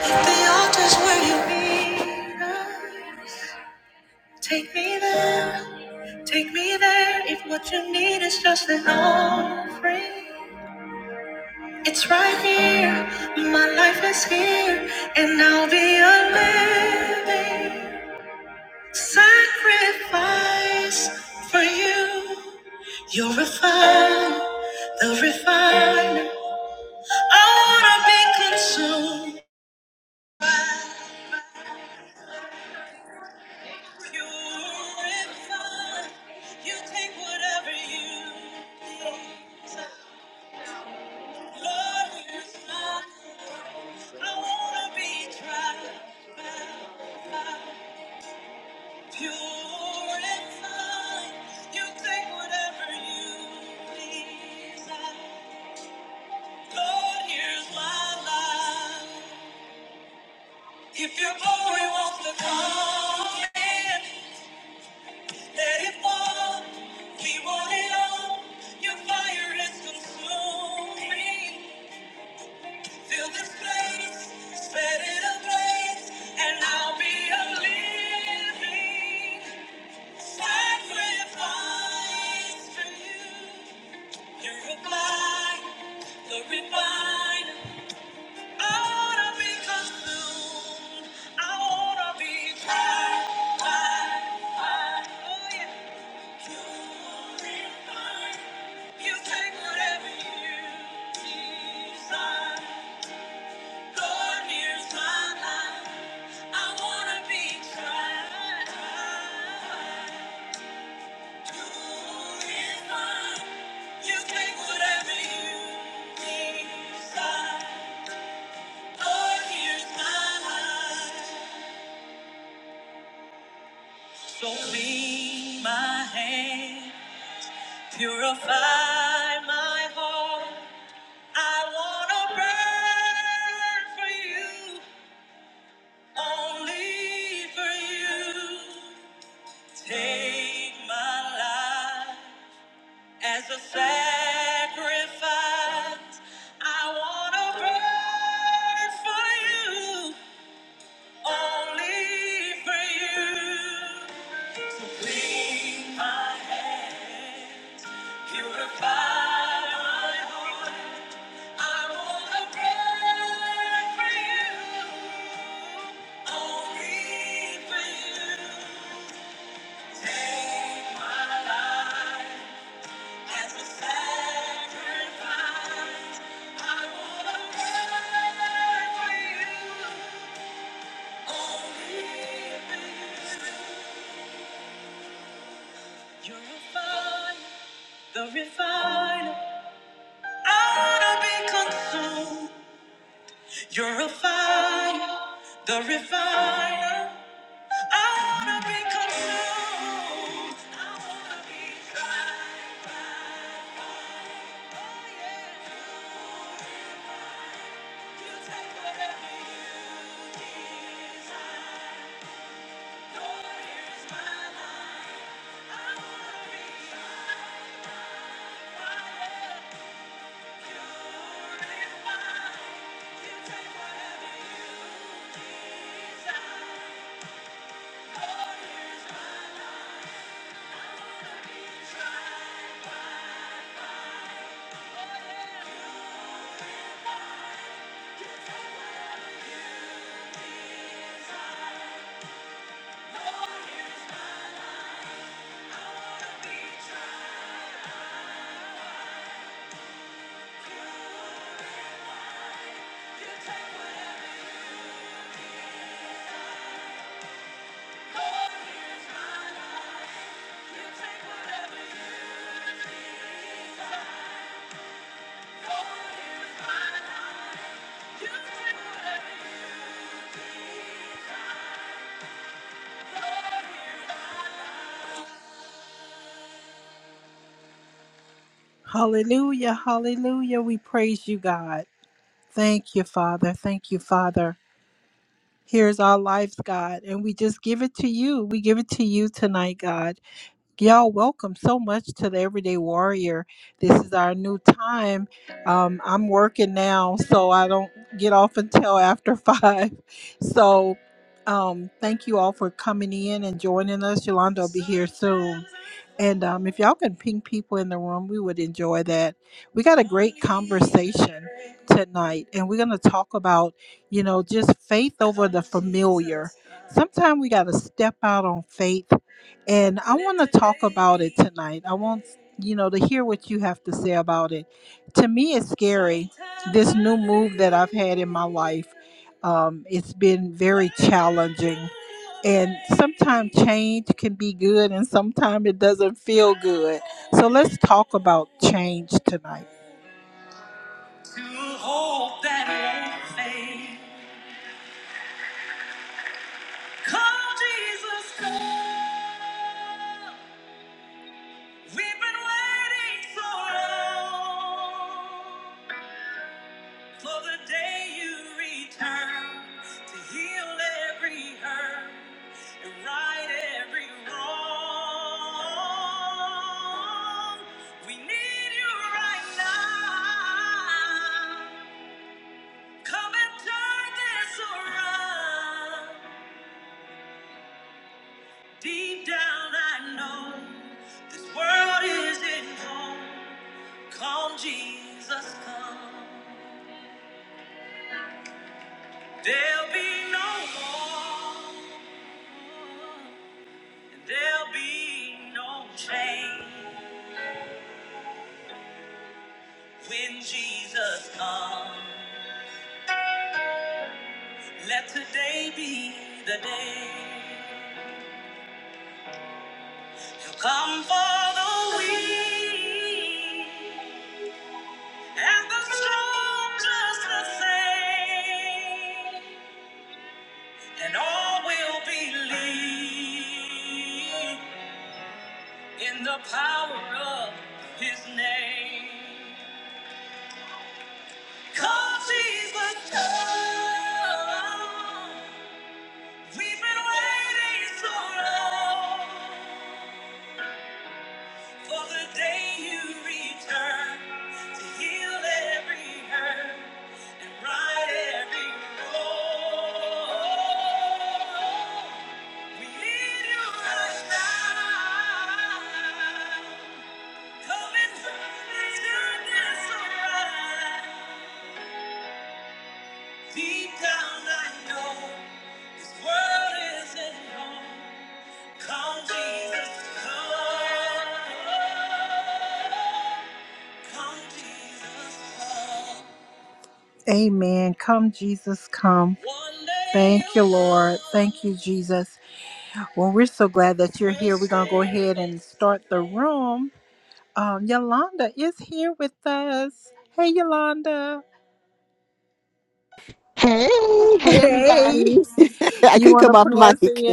The altar's where you need us. Take me there, take me there. If what you need is just an offering, it's right here. My life is here, and I'll be a living sacrifice for you. You're refined, the refiner. I wanna be consumed. You refine, you take whatever you please. Lord, here's my heart. I wanna be tried by fire. Pure and fine, you take whatever you please. Lord, here's my life. If your glory wants to come in, Let it fall. We want it all. Your fire is consuming. Fill this place, set it ablaze, and I'll be a living sacrifice for you. Purify, glorify. I wanna be consumed. I wanna be tried, tried, tried. Oh yeah. So clean my hand, Purify my heart. I wanna burn for you, only for you. Take my life as a sacrifice. I wanna burn for you, only for you. Clean my hands, purify my heart. You're a fire, the refiner. I wanna be consumed. You're a fire, the refiner. I wanna be controlled. I wanna be tried oh, yeah. You take whatever you desire. Lord, here's my life. I wanna be tried You take whatever you desire. Lord, here's my life. I wanna be tried. Oh, yeah. Lord, here's my- You take whatever To hope that won't fade. Come, Jesus, come. We've been waiting so long for the day you return to heal every hurt and right every wrong. We need you right now. Come and turn this around. Deep down, I know this world isn't home. Come, Jesus, come. There'll be no war, and there'll be no change when Jesus comes. Let today be the day. He'll come for the weak. And the strong just the same, and all will believe in the power of His name. 'Cause He's the come, we've been waiting so long. For the day you return to heal every hurt and right every wrong. We need you right now. Come and turn this around. Deep down I know this world isn't home. Come Jesus, come. Come Jesus, come. One day. Hey, hey, everybody. I could come off mic.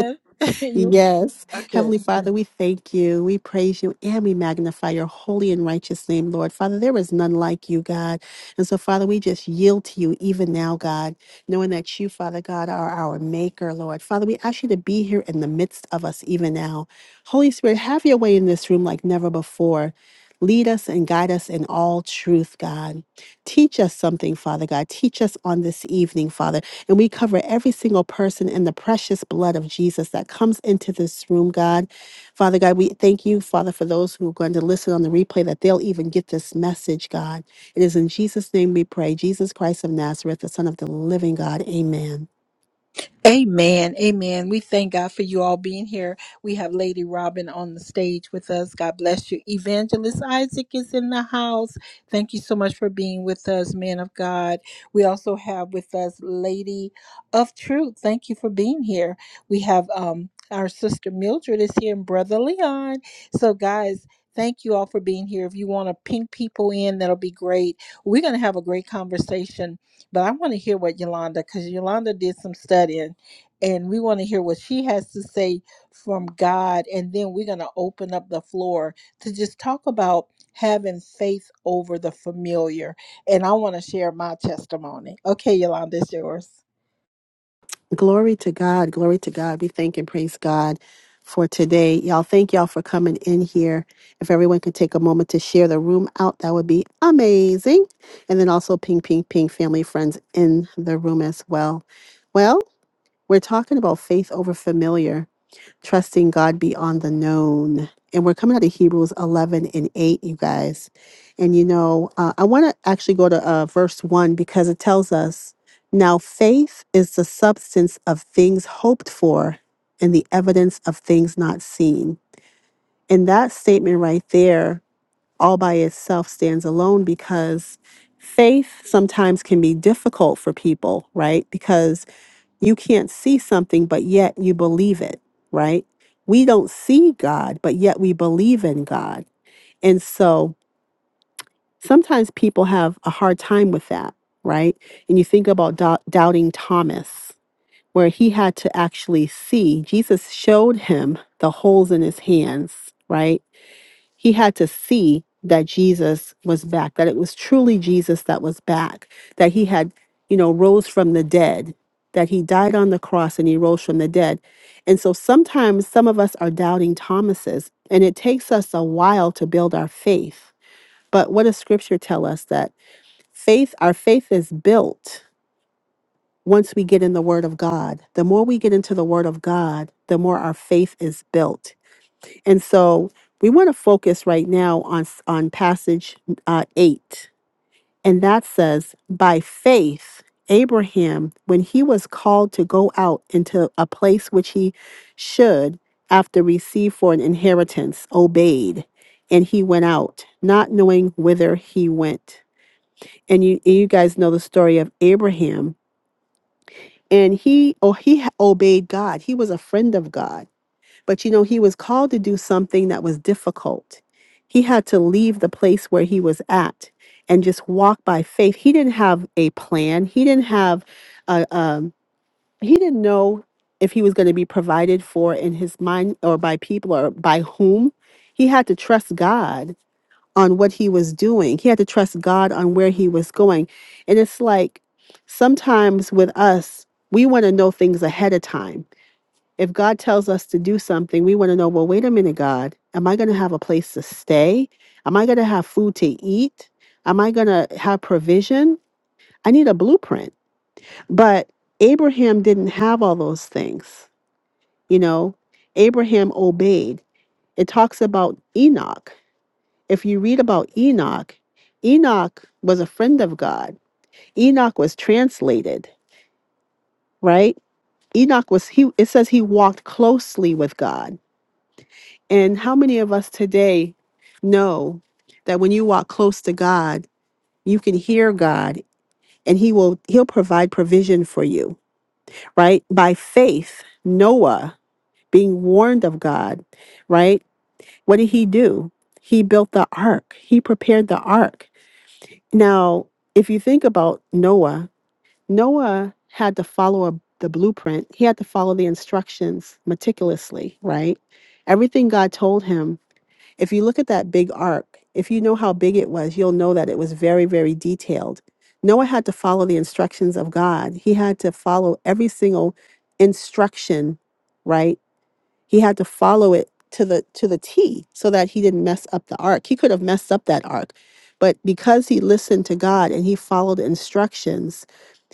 yes. Heavenly Father, we thank you. We praise you and we magnify your holy and righteous name, Lord. Father, there is none like you, God. And so, Father, we just yield to you even now, God, knowing that you, Father God, are our maker, Lord. Father, we ask you to be here in the midst of us even now. Holy Spirit, have your way in this room like never before. Lead us and guide us in all truth, God. Teach us something, Father God. Teach us on this evening, Father. And we cover every single person in the precious blood of Jesus that comes into this room, God. Father God, we thank you, Father, for those who are going to listen on the replay that they'll even get this message, God. It is in Jesus' name we pray. Jesus Christ of Nazareth, the Son of the living God. Amen. Glory to God. Glory to God. We thank and praise God for today. Y'all, thank y'all for coming in here. If everyone could take a moment to share the room out, that would be amazing. And then also ping, ping, ping, family, friends in the room as well. Well, we're talking about faith over familiar trusting God beyond the known. And we're coming out of Hebrews 11 and 8, you guys. And you know, uh, I want to actually go to uh, verse 1 because it tells us now faith is the substance of things hoped for and the evidence of things not seen. And that statement right there, all by itself, stands alone because faith sometimes can be difficult for people, right? Because you can't see something, but yet you believe it, right? We don't see God, but yet we believe in God. And so sometimes people have a hard time with that, right? And you think about dou- doubting Thomas, where he had to actually see. Jesus showed him the holes in his hands, right? he had to see that Jesus was back, that it was truly Jesus that was back, that he had, you know, rose from the dead, that he died on the cross and he rose from the dead. And so sometimes some of us are doubting Thomases, and it takes us a while to build our faith. But what does scripture tell us that faith, our faith is built once we get in the word of God? The more we get into the word of God, the more our faith is built and so we want to focus right now on s- on passage uh, eight, and that says, "By faith, Abraham, when he was called to go out into a place which he should, after receive for an inheritance, obeyed, and he went out, not knowing whither he went." And you you guys know the story of Abraham, and he oh he ha- obeyed God. He was a friend of God but you know, he was called to do something that was difficult. He had to leave the place where he was at and just walk by faith. He didn't have a plan. He didn't have a um he didn't know if he was going to be provided for in his mind or by people or by whom. He had to trust God on what he was doing. He had to trust God on where he was going. And it's like sometimes with us, we want to know things ahead of time if God tells us to do something, we want to know, well, wait a minute, God, am I going to have a place to stay? Am I going to have food to eat? Am I going to have provision? I need a blueprint. But Abraham didn't have all those things. You know, Abraham obeyed. It talks about Enoch. If you read about Enoch, Enoch was a friend of God. Enoch was translated, right? Enoch was he it says he walked closely with God And how many of us today know that when you walk close to God, you can hear God and he will he'll provide provision for you, right? By faith, Noah being warned of God, right? What did he do? He built the ark. He prepared the ark. Now, if you think about Noah, Noah had to follow a, the blueprint. He had to follow the instructions meticulously, right? Everything God told him If you look at that big arc, if you know how big it was, you'll know that it was very, very detailed. Noah had to follow the instructions of God, he had to follow every single instruction, right? He had to follow it to the to the T so that he didn't mess up the ark. He could have messed up that ark. But because he listened to God and he followed instructions,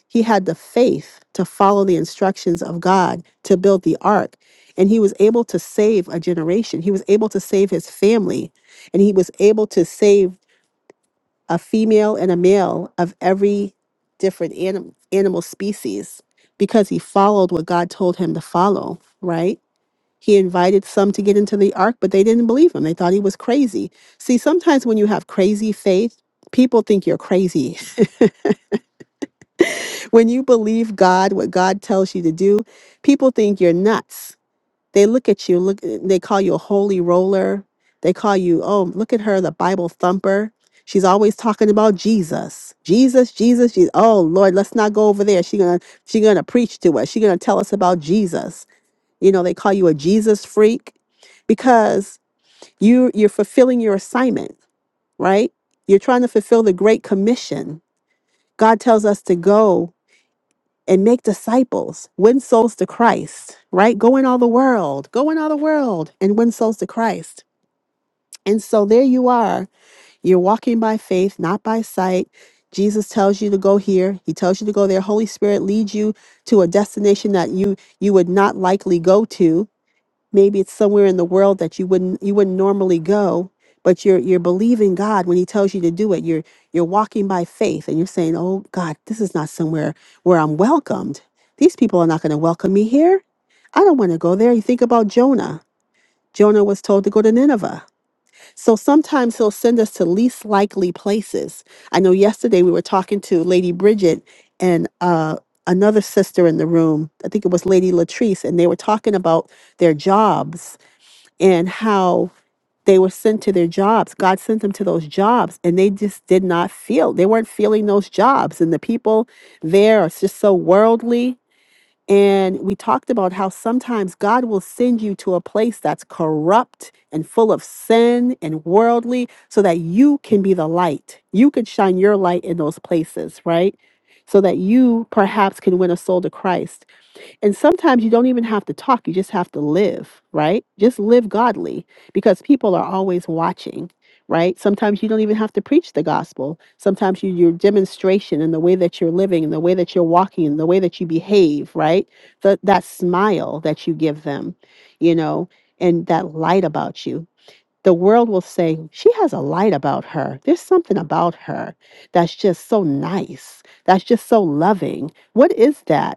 he had the faith to follow the instructions of God to build the ark. And he was able to save a generation. He was able to save his family. And he was able to save a female and a male of every different anim- animal species because he followed what God told him to follow, right? He invited some to get into the ark, but they didn't believe him. They thought he was crazy. See, sometimes when you have crazy faith, people think you're crazy When you believe God, what God tells you to do, people think you're nuts. They look at you, look they call you a holy roller. They call you, "Oh, look at her, the Bible thumper. She's always talking about Jesus. Jesus, Jesus, Jesus. Oh, Lord, let's not go over there. She going to she going to preach to us. She going to tell us about Jesus." You know, they call you a Jesus freak because you you're fulfilling your assignment, right? You're trying to fulfill the great commission. God tells us to go and make disciples, win souls to Christ, right? Go in all the world, go in all the world and win souls to Christ. And so there you are. You're walking by faith, not by sight. Jesus tells you to go here. He tells you to go there. Holy Spirit leads you to a destination that you you would not likely go to maybe it's somewhere in the world that you wouldn't you wouldn't normally go but you're you're believing god when he tells you to do it you're you're walking by faith and you're saying oh god this is not somewhere where i'm welcomed these people are not going to welcome me here i don't want to go there you think about jonah jonah was told to go to nineveh so sometimes he'll send us to least likely places i know yesterday we were talking to lady bridget and uh another sister in the room i think it was lady latrice and they were talking about their jobs and how they were sent to their jobs. God sent them to those jobs and they just did not feel, they weren't feeling those jobs. And the people there are just so worldly. And we talked about how sometimes God will send you to a place that's corrupt and full of sin and worldly so that you can be the light. You can shine your light in those places, right? So that you perhaps can win a soul to Christ. And sometimes you don't even have to talk, you just have to live, right? Just live godly because people are always watching, right? Sometimes you don't even have to preach the gospel. Sometimes you, your demonstration and the way that you're living and the way that you're walking and the way that you behave, right? The, that smile that you give them, you know, and that light about you. The world will say, she has a light about her. There's something about her that's just so nice, that's just so loving. What is that?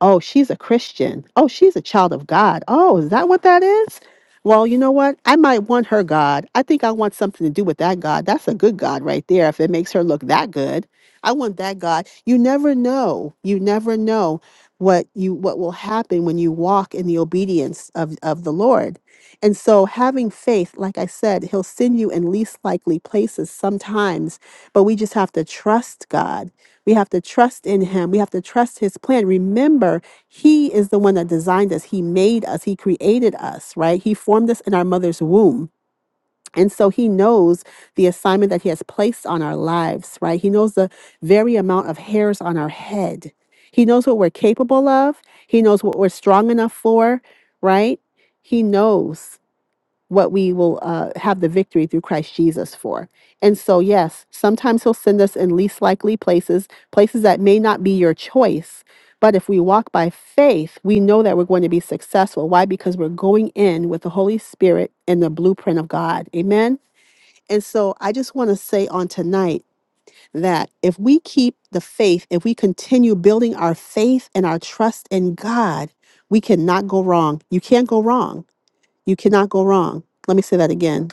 Oh, she's a Christian. Oh, she's a child of God. Oh, is that what that is? Well, you know what? I might want her God. I think I want something to do with that God. That's a good God right there if it makes her look that good. I want that God. You never know. You never know what you what will happen when you walk in the obedience of of the Lord. And so having faith, like I said, he'll send you in least likely places sometimes, but we just have to trust God we have to trust in him. We have to trust his plan. Remember, he is the one that designed us. He made us. He created us, right? He formed us in our mother's womb. And so he knows the assignment that he has placed on our lives, right? He knows the very amount of hairs on our head. He knows what we're capable of. He knows what we're strong enough for, right? He knows what we will uh, have the victory through Christ Jesus for. And so, yes, sometimes He'll send us in least likely places, places that may not be your choice. But if we walk by faith, we know that we're going to be successful. Why? Because we're going in with the Holy Spirit and the blueprint of God. Amen. And so, I just want to say on tonight that if we keep the faith, if we continue building our faith and our trust in God, we cannot go wrong. You can't go wrong you cannot go wrong. Let me say that again.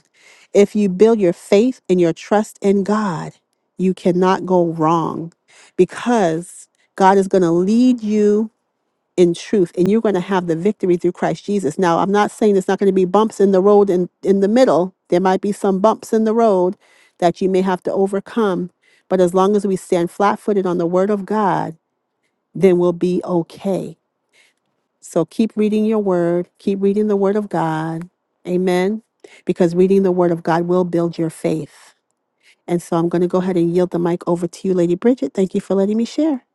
If you build your faith and your trust in God, you cannot go wrong because God is going to lead you in truth and you're going to have the victory through Christ Jesus. Now, I'm not saying there's not going to be bumps in the road in, in the middle. There might be some bumps in the road that you may have to overcome. But as long as we stand flat footed on the word of God, then we'll be okay. So keep reading your word, keep reading the word of God. Amen. Because reading the word of God will build your faith. And so I'm going to go ahead and yield the mic over to you, Lady Bridget. Thank you for letting me share.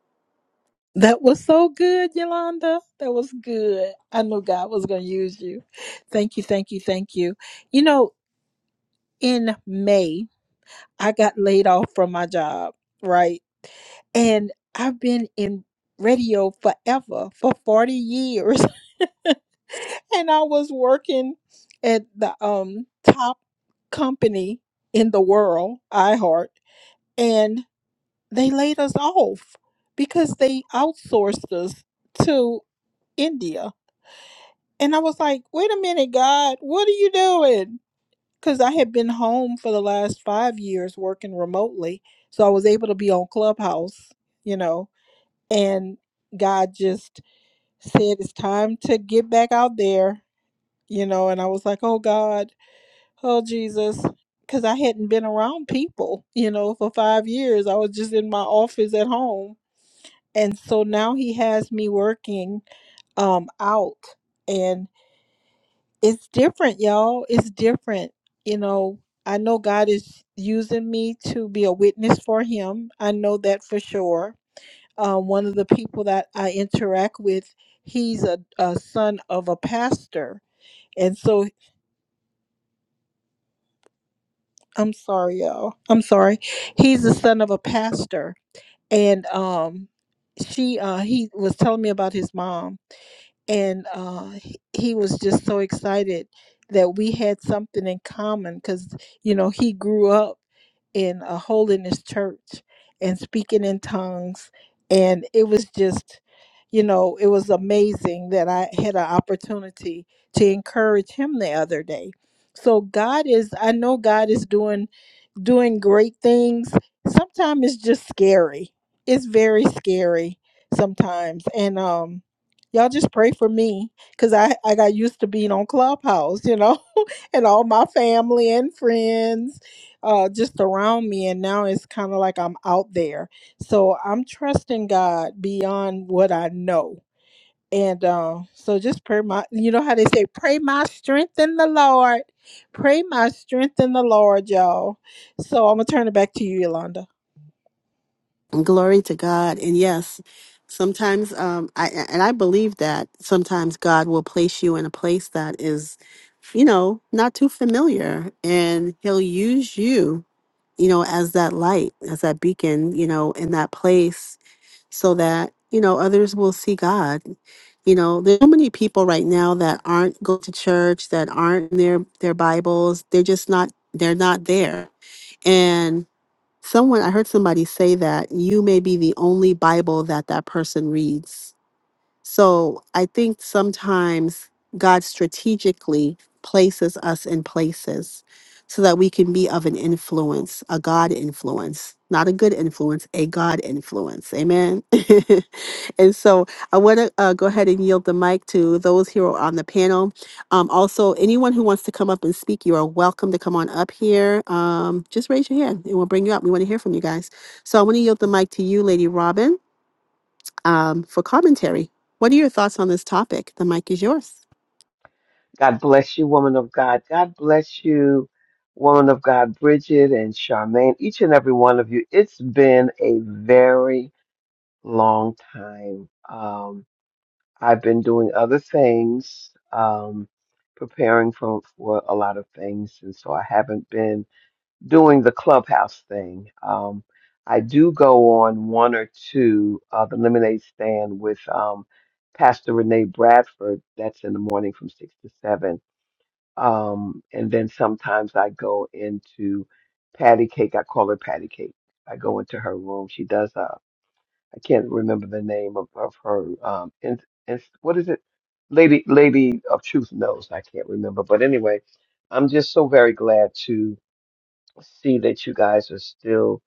Glory to God. And yes, sometimes um I and I believe that sometimes God will place you in a place that is you know, not too familiar and he'll use you, you know, as that light, as that beacon, you know, in that place so that you know others will see god you know there's so many people right now that aren't going to church that aren't in their their bibles they're just not they're not there and someone i heard somebody say that you may be the only bible that that person reads so I think sometimes God strategically places us in places so that we can be of an influence, a God influence, not a good influence, a God influence. Amen. and so I want to uh, go ahead and yield the mic to those here on the panel. Um, also, anyone who wants to come up and speak, you are welcome to come on up here. Um, just raise your hand and we'll bring you up. We want to hear from you guys. So I want to yield the mic to you, Lady Robin um, for commentary. What are your thoughts on this topic? The mic is yours. God bless you, woman of God. God bless you, woman of God, Bridget and Charmaine, each and every one of you. It's been a very long time. Um, I've been doing other things, um, preparing for, for a lot of things, and so I haven't been doing the clubhouse thing. Um, I do go on one or two uh, the lemonade stand with um, Pastor Renee Bradford. That's in the morning from six to seven um, and then sometimes I go into Patty Cake. I call her Patty Cake. I go into her room. She does a, I can't remember the name of, of her, um, in, in, what is it? Lady, Lady of Truth knows. I can't remember. But anyway, I'm just so very glad to see that you guys are still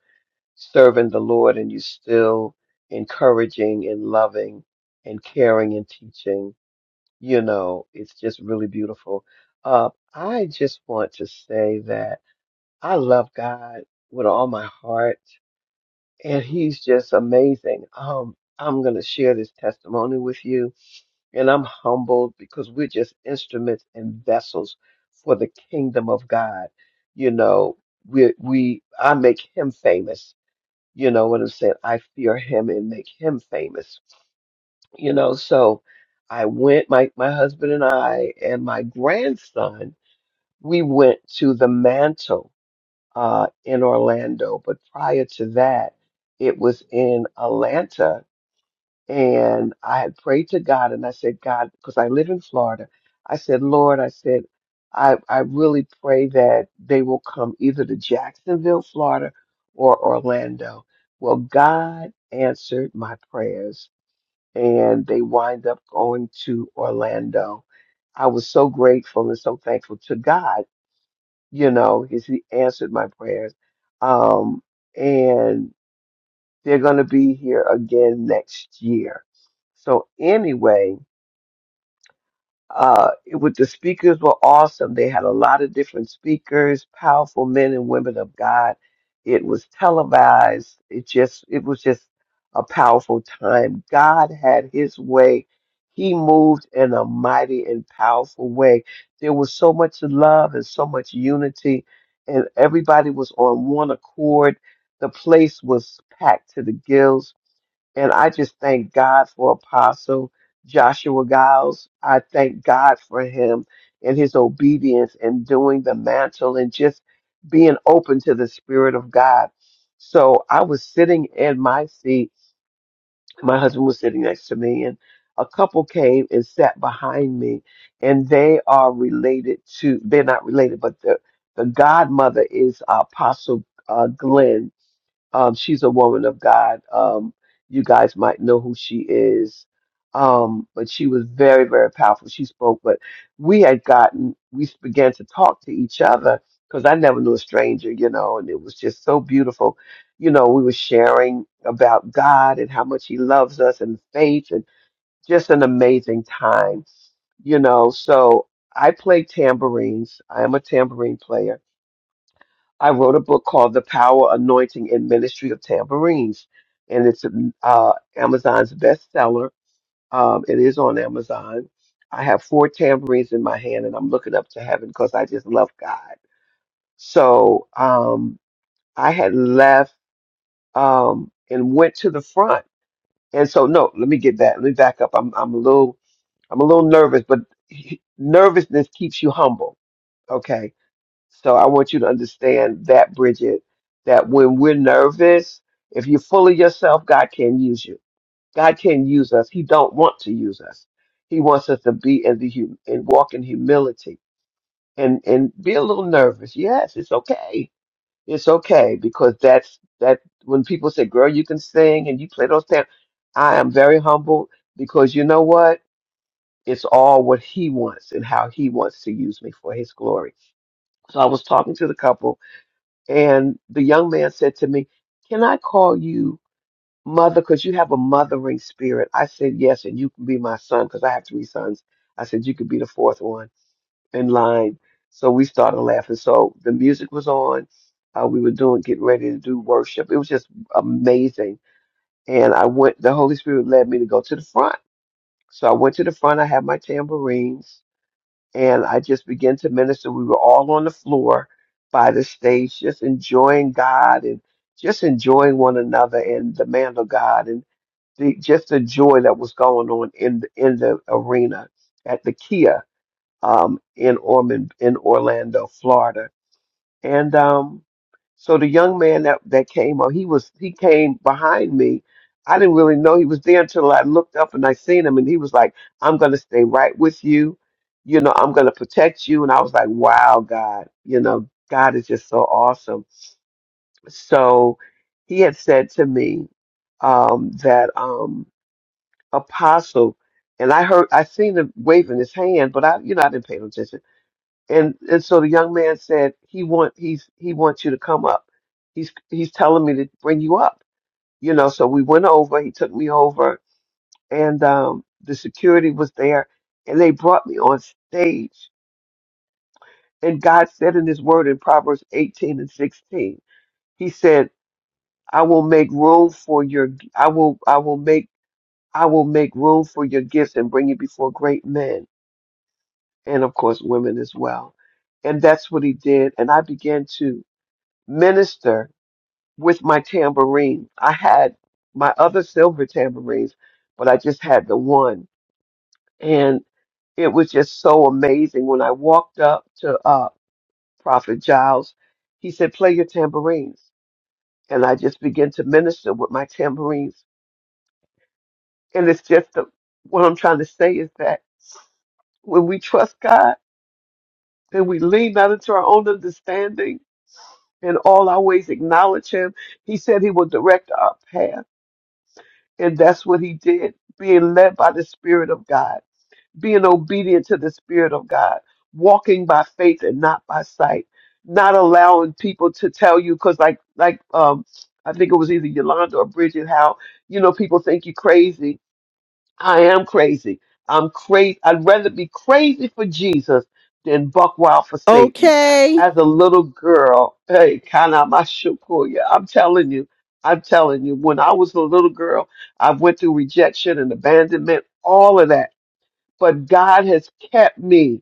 serving the Lord and you're still encouraging and loving and caring and teaching you know, it's just really beautiful. Uh, I just want to say that I love God with all my heart, and He's just amazing. Um, I'm going to share this testimony with you, and I'm humbled because we're just instruments and vessels for the kingdom of God. You know, we we I make Him famous. You know what I'm saying? I fear Him and make Him famous you know so i went my my husband and i and my grandson we went to the mantle uh in orlando but prior to that it was in atlanta and i had prayed to god and i said god because i live in florida i said lord i said i i really pray that they will come either to jacksonville florida or orlando well god answered my prayers and they wind up going to Orlando. I was so grateful and so thankful to God, you know, because He answered my prayers. Um, and they're going to be here again next year. So, anyway, uh, it was the speakers were awesome. They had a lot of different speakers, powerful men and women of God. It was televised. It just it was just a powerful time. God had His way. He moved in a mighty and powerful way. There was so much love and so much unity, and everybody was on one accord. The place was packed to the gills and I just thank God for Apostle Joshua Giles. I thank God for him and his obedience and doing the mantle and just being open to the Spirit of God. So I was sitting in my seat. My husband was sitting next to me, and a couple came and sat behind me. And they are related to, they're not related, but the, the godmother is Apostle uh, Glenn um, she's a woman of God. Um, you guys might know who she is. Um, but she was very, very powerful. She spoke, but we had gotten, we began to talk to each other because I never knew a stranger, you know, and it was just so beautiful. You know, we were sharing about God and how much He loves us and faith and just an amazing time, you know. So I play tambourines. I am a tambourine player I wrote a book called The Power, Anointing, and Ministry of Tambourines, and it's uh, Amazon's bestseller. Um, it is on Amazon. I have four tambourines in my hand, and I'm looking up to heaven because I just love God. So um, I had left um, and went to the front, and so no, let me get that. Let me back up. I'm I'm a little I'm a little nervous, but nervousness keeps you humble. Okay, So I want you to understand that, Bridget, that when we're nervous, if you're full of yourself, God can use you. God can use us. He don't want to use us. He wants us to be in the hum- and walk in humility and and be a little nervous. Yes, it's okay. It's okay because that's that when people say, "Girl, you can sing and you play those things," I am very humble because you know what? It's all what He wants and how He wants to use me for His glory. So I was talking to the couple and the young man said to me, Can I call you mother? Because you have a mothering spirit. I said, Yes, and you can be my son because I have three sons. I said, You could be the fourth one in line. So we started laughing. So the music was on. Uh, we were doing, getting ready to do worship. It was just amazing. And I went, the Holy Spirit led me to go to the front. So I went to the front. I had my tambourines and I just began to minister. We were all on the floor by the stage, just enjoying God and just enjoying one another and the man of God and the just the joy that was going on in the, in the arena at the Kia um, in Ormond in Orlando, Florida and um, so the young man that, that came up, he was he came behind me. I didn't really know he was there until I looked up and I seen him, and he was like, "I'm gonna stay right with you, you know, I'm gonna protect you." And I was like, "Wow, God, you know, God is just so awesome." So he had said to me um, that um, apostle, and I heard I seen him waving his hand, but I, you know, I didn't pay no attention and and so the young man said he want he's he wants you to come up he's he's telling me to bring you up you know so we went over he took me over and um the security was there and they brought me on stage and god said in his word in proverbs 18 and 16 he said i will make room for your i will i will make i will make room for your gifts and bring you before great men and of course women as well and that's what he did and i began to minister with my tambourine. I had my other silver tambourines, but I just had the one. And it was just so amazing. When I walked up to uh, Prophet Giles, he said, Play your tambourines. And I just began to minister with my tambourines. And it's just the, what I'm trying to say is that when we trust God, then we lean not into our own understanding and all our ways acknowledge Him. He said He will direct our path. And that's what he did, being led by the Spirit of God, being obedient to the Spirit of God, walking by faith and not by sight, not allowing people to tell you, because like, like, um, I think it was either Yolanda or Bridget, how, you know, people think you're crazy I am crazy. I'm crazy. I'd rather be crazy for Jesus than buck wild for Satan. Okay. As a little girl, hey, kind of I'm telling you, I'm telling you, when I was a little girl, I went through rejection and abandonment, all of that. But God has kept me.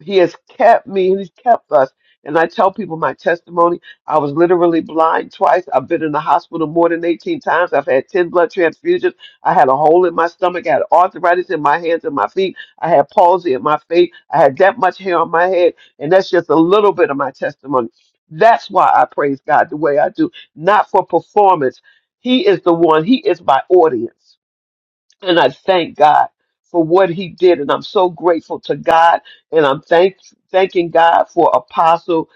He has kept me. He's kept us. And I tell people my testimony. I was literally blind twice. I've been in the hospital more than 18 times. I've had 10 blood transfusions. I had a hole in my stomach. I had arthritis in my hands and my feet. I had palsy in my feet. I had that much hair on my head. And that's just a little bit of my testimony. That's why I praise God the way I do, not for performance. He is the one, He is my audience. And I thank God for what he did. And I'm so grateful to God. And I'm thank, thanking God for Apostle,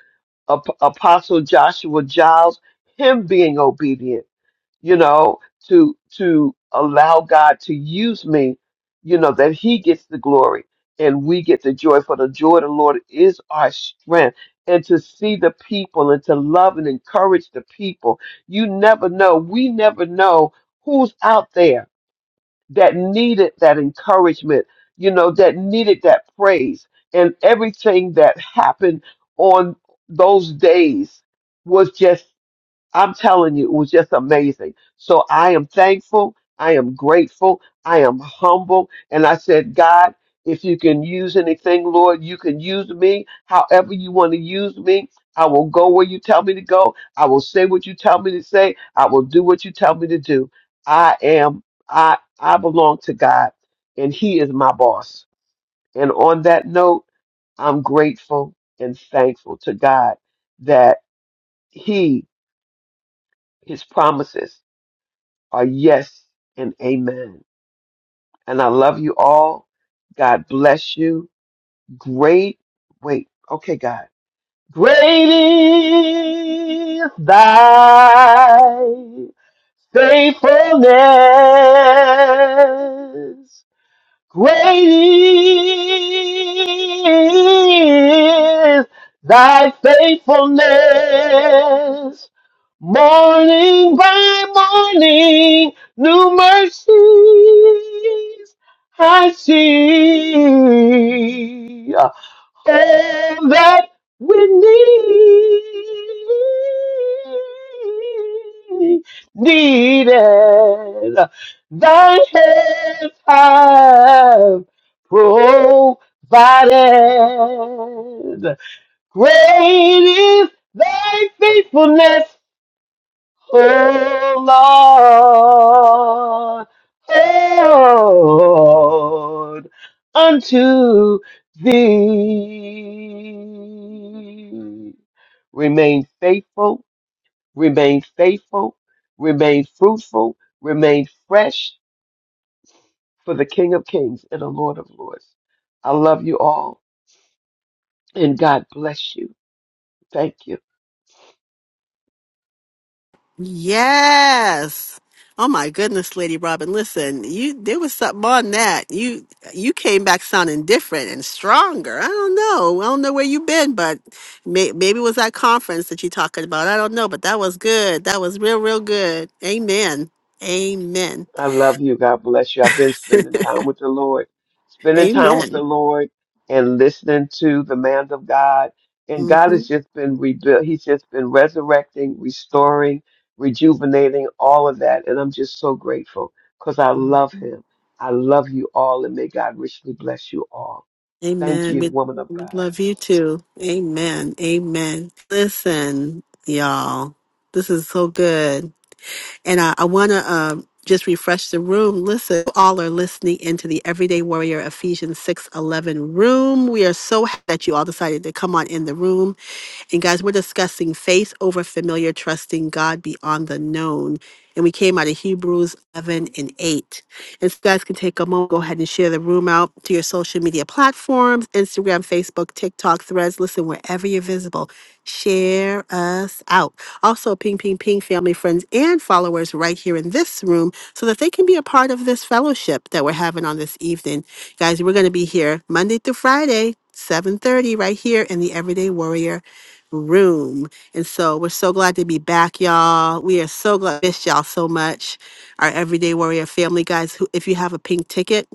Ap- Apostle Joshua Giles, him being obedient, you know, to, to allow God to use me, you know, that he gets the glory and we get the joy for the joy of the Lord is our strength. And to see the people and to love and encourage the people. You never know. We never know who's out there that needed that encouragement, you know, that needed that praise. And everything that happened on those days was just. I'm telling you, it was just amazing. So I am thankful. I am grateful. I am humble. And I said, God, if you can use anything, Lord, you can use me however you want to use me. I will go where you tell me to go. I will say what you tell me to say. I will do what you tell me to do. I am, I, I belong to God and he is my boss. And on that note, I'm grateful and thankful to God that he, his promises are yes and amen. And I love you all. God bless you. Great. Wait. Okay, God. Great is thy faithfulness. Great is thy faithfulness. Morning by morning, new mercies I see and that we need needed thy hands have provided. Great is thy faithfulness, Oh Lord, Lord, unto thee. Remain faithful, remain faithful, remain fruitful, remain fresh for the King of Kings and the Lord of Lords. I love you all and God bless you. Thank you. Yes. Oh my goodness, Lady Robin. Listen, you there was something on that. You you came back sounding different and stronger. I don't know. I don't know where you've been, but may, maybe it was that conference that you are talking about. I don't know, but that was good. That was real, real good. Amen. Amen. I love you. God bless you. I've been spending time with the Lord, spending time with Amen. the Lord and listening to the man of God. And God has hmm just been rebuilt. He's just been resurrecting, restoring, rejuvenating all of that. And I'm just so grateful because I love him. I love you all and may God richly bless you all. Thank Amen. you, We woman of we God. love you too. Amen. Amen. Listen, y'all, this is so good. And I, I want to um, just refresh the room. Listen, you all are listening into the Everyday Warrior Ephesians 6 11 room. We are so happy that you all decided to come on in the room. And guys, we're discussing faith over familiar, trusting God beyond the known. And we came out of Hebrews 11 and 8. And so you guys can take a moment, go ahead and share the room out to your social media platforms Instagram, Facebook, TikTok, threads. Listen, wherever you're visible, share us out. Also, ping, ping, ping, family, friends, and followers right here in this room so that they can be a part of this fellowship that we're having on this evening. Guys, we're going to be here Monday through Friday. 7:30 right here in the Everyday Warrior room. And so we're so glad to be back, y'all. We are so glad miss y'all so much. Our everyday warrior family guys, who if you have a pink ticket,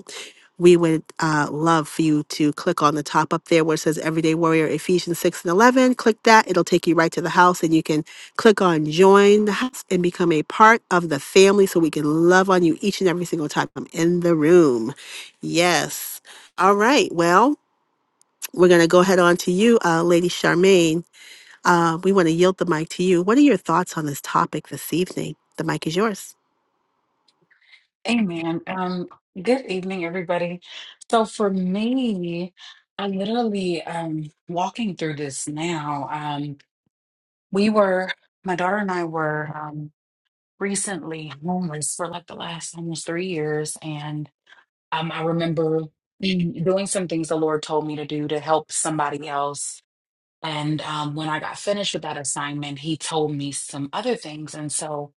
we would uh, love for you to click on the top up there where it says Everyday Warrior Ephesians 6 and 11. Click that. It'll take you right to the house and you can click on join the house and become a part of the family so we can love on you each and every single time I'm in the room. Yes. All right. Well, we're going to go ahead on to you, uh, Lady Charmaine. Uh, we want to yield the mic to you. What are your thoughts on this topic this evening? The mic is yours. Amen. Um, good evening, everybody. So for me, I literally um walking through this now. Um, we were my daughter and I were um recently homeless for like the last almost three years, and um I remember mm, doing some things the Lord told me to do to help somebody else. And um, when I got finished with that assignment, he told me some other things. And so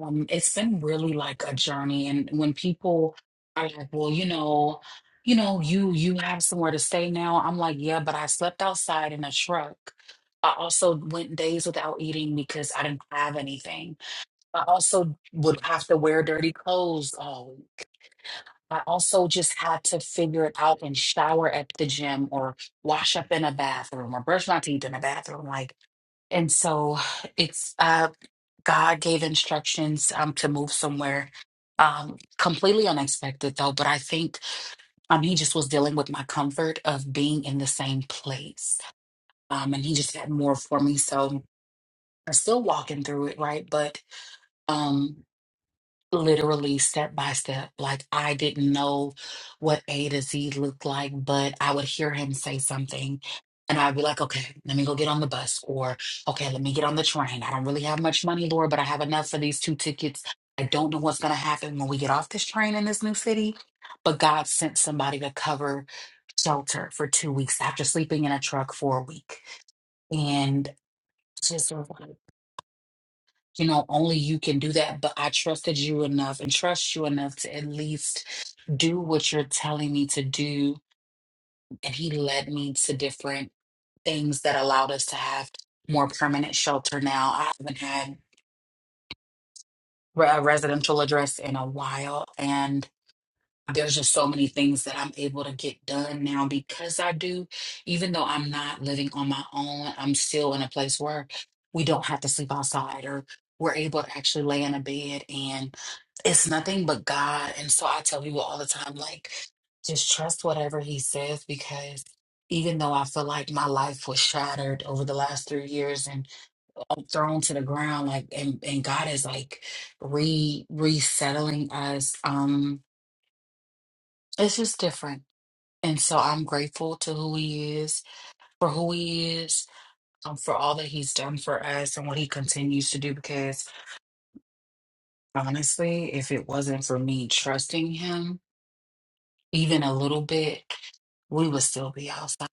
um, it's been really like a journey, and when people are like, "Well, you know, you know, you you have somewhere to stay now," I'm like, "Yeah, but I slept outside in a truck. I also went days without eating because I didn't have anything. I also would have to wear dirty clothes all week. I also just had to figure it out and shower at the gym or wash up in a bathroom or brush my teeth in a bathroom. Like and so it's uh God gave instructions um to move somewhere. Um completely unexpected though, but I think um he just was dealing with my comfort of being in the same place. Um and he just had more for me. So I'm still walking through it, right? But um, literally step by step. Like I didn't know what A to Z looked like, but I would hear him say something and I'd be like, okay, let me go get on the bus or okay, let me get on the train. I don't really have much money, Lord, but I have enough for these two tickets. I don't know what's going to happen when we get off this train in this new city, but God sent somebody to cover shelter for two weeks after sleeping in a truck for a week. And just you know, only you can do that, but I trusted you enough and trust you enough to at least do what you're telling me to do. And he led me to different things that allowed us to have more permanent shelter now. I haven't had re- a residential address in a while. there's just so many things that I'm able to get done now because I do, even though I'm not living on my own, I'm still in a place where we don't have to sleep outside or we're able to actually lay in a bed and it's nothing but God. And so I tell people all the time, like, just trust whatever He says because even though I feel like my life was shattered over the last three years and I'm thrown to the ground, like, and, and God is like re resettling us. Um, it's just different and so I'm grateful to who he is, for who he is, um, for all that he's done for us and what he continues to do. Because honestly, if it wasn't for me trusting him, even a little bit, we would still be outside.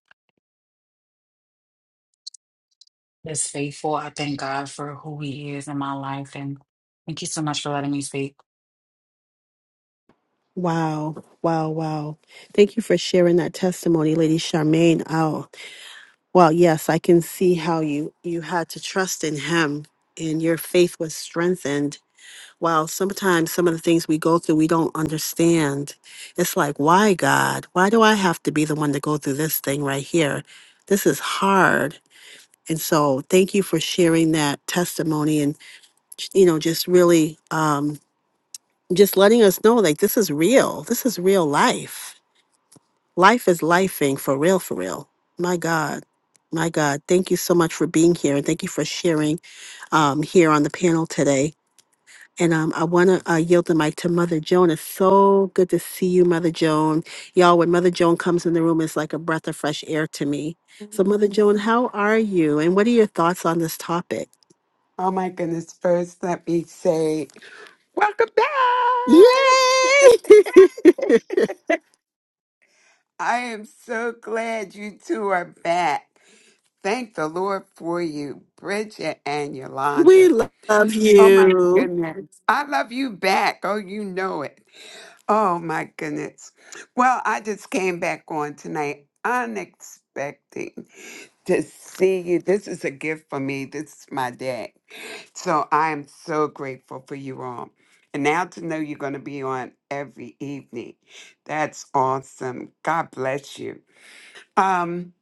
That's faithful. I thank God for who he is in my life. And thank you so much for letting me speak. Wow, wow, wow. Thank you for sharing that testimony, Lady Charmaine. Oh, well, yes, I can see how you you had to trust in him and your faith was strengthened. While sometimes some of the things we go through we don't understand. It's like, why God? Why do I have to be the one to go through this thing right here? This is hard. And so thank you for sharing that testimony. and. you know, just really um, just letting us know like this is real. This is real life. Life is lifing for real, for real. My God. My God. Thank you so much for being here and thank you for sharing um, here on the panel today. And um, I want to uh, yield the mic to Mother Joan. It's so good to see you, Mother Joan. Y'all, when Mother Joan comes in the room, it's like a breath of fresh air to me. So, Mother Mm. Joan, how are you? And what are your thoughts on this topic? Oh my goodness. First, let me say, welcome Yay! back. I am so glad you two are back. Thank the Lord for you, Bridget and We Yolanda. love Oh my you. goodness. I love you back. Oh, you know it. Oh my goodness. Well, I just came back on tonight unexpected to see you. This is a gift for me. This is my day. So I am so grateful for you all. And now to know you're going to be on every evening. That's awesome. God bless you. Um,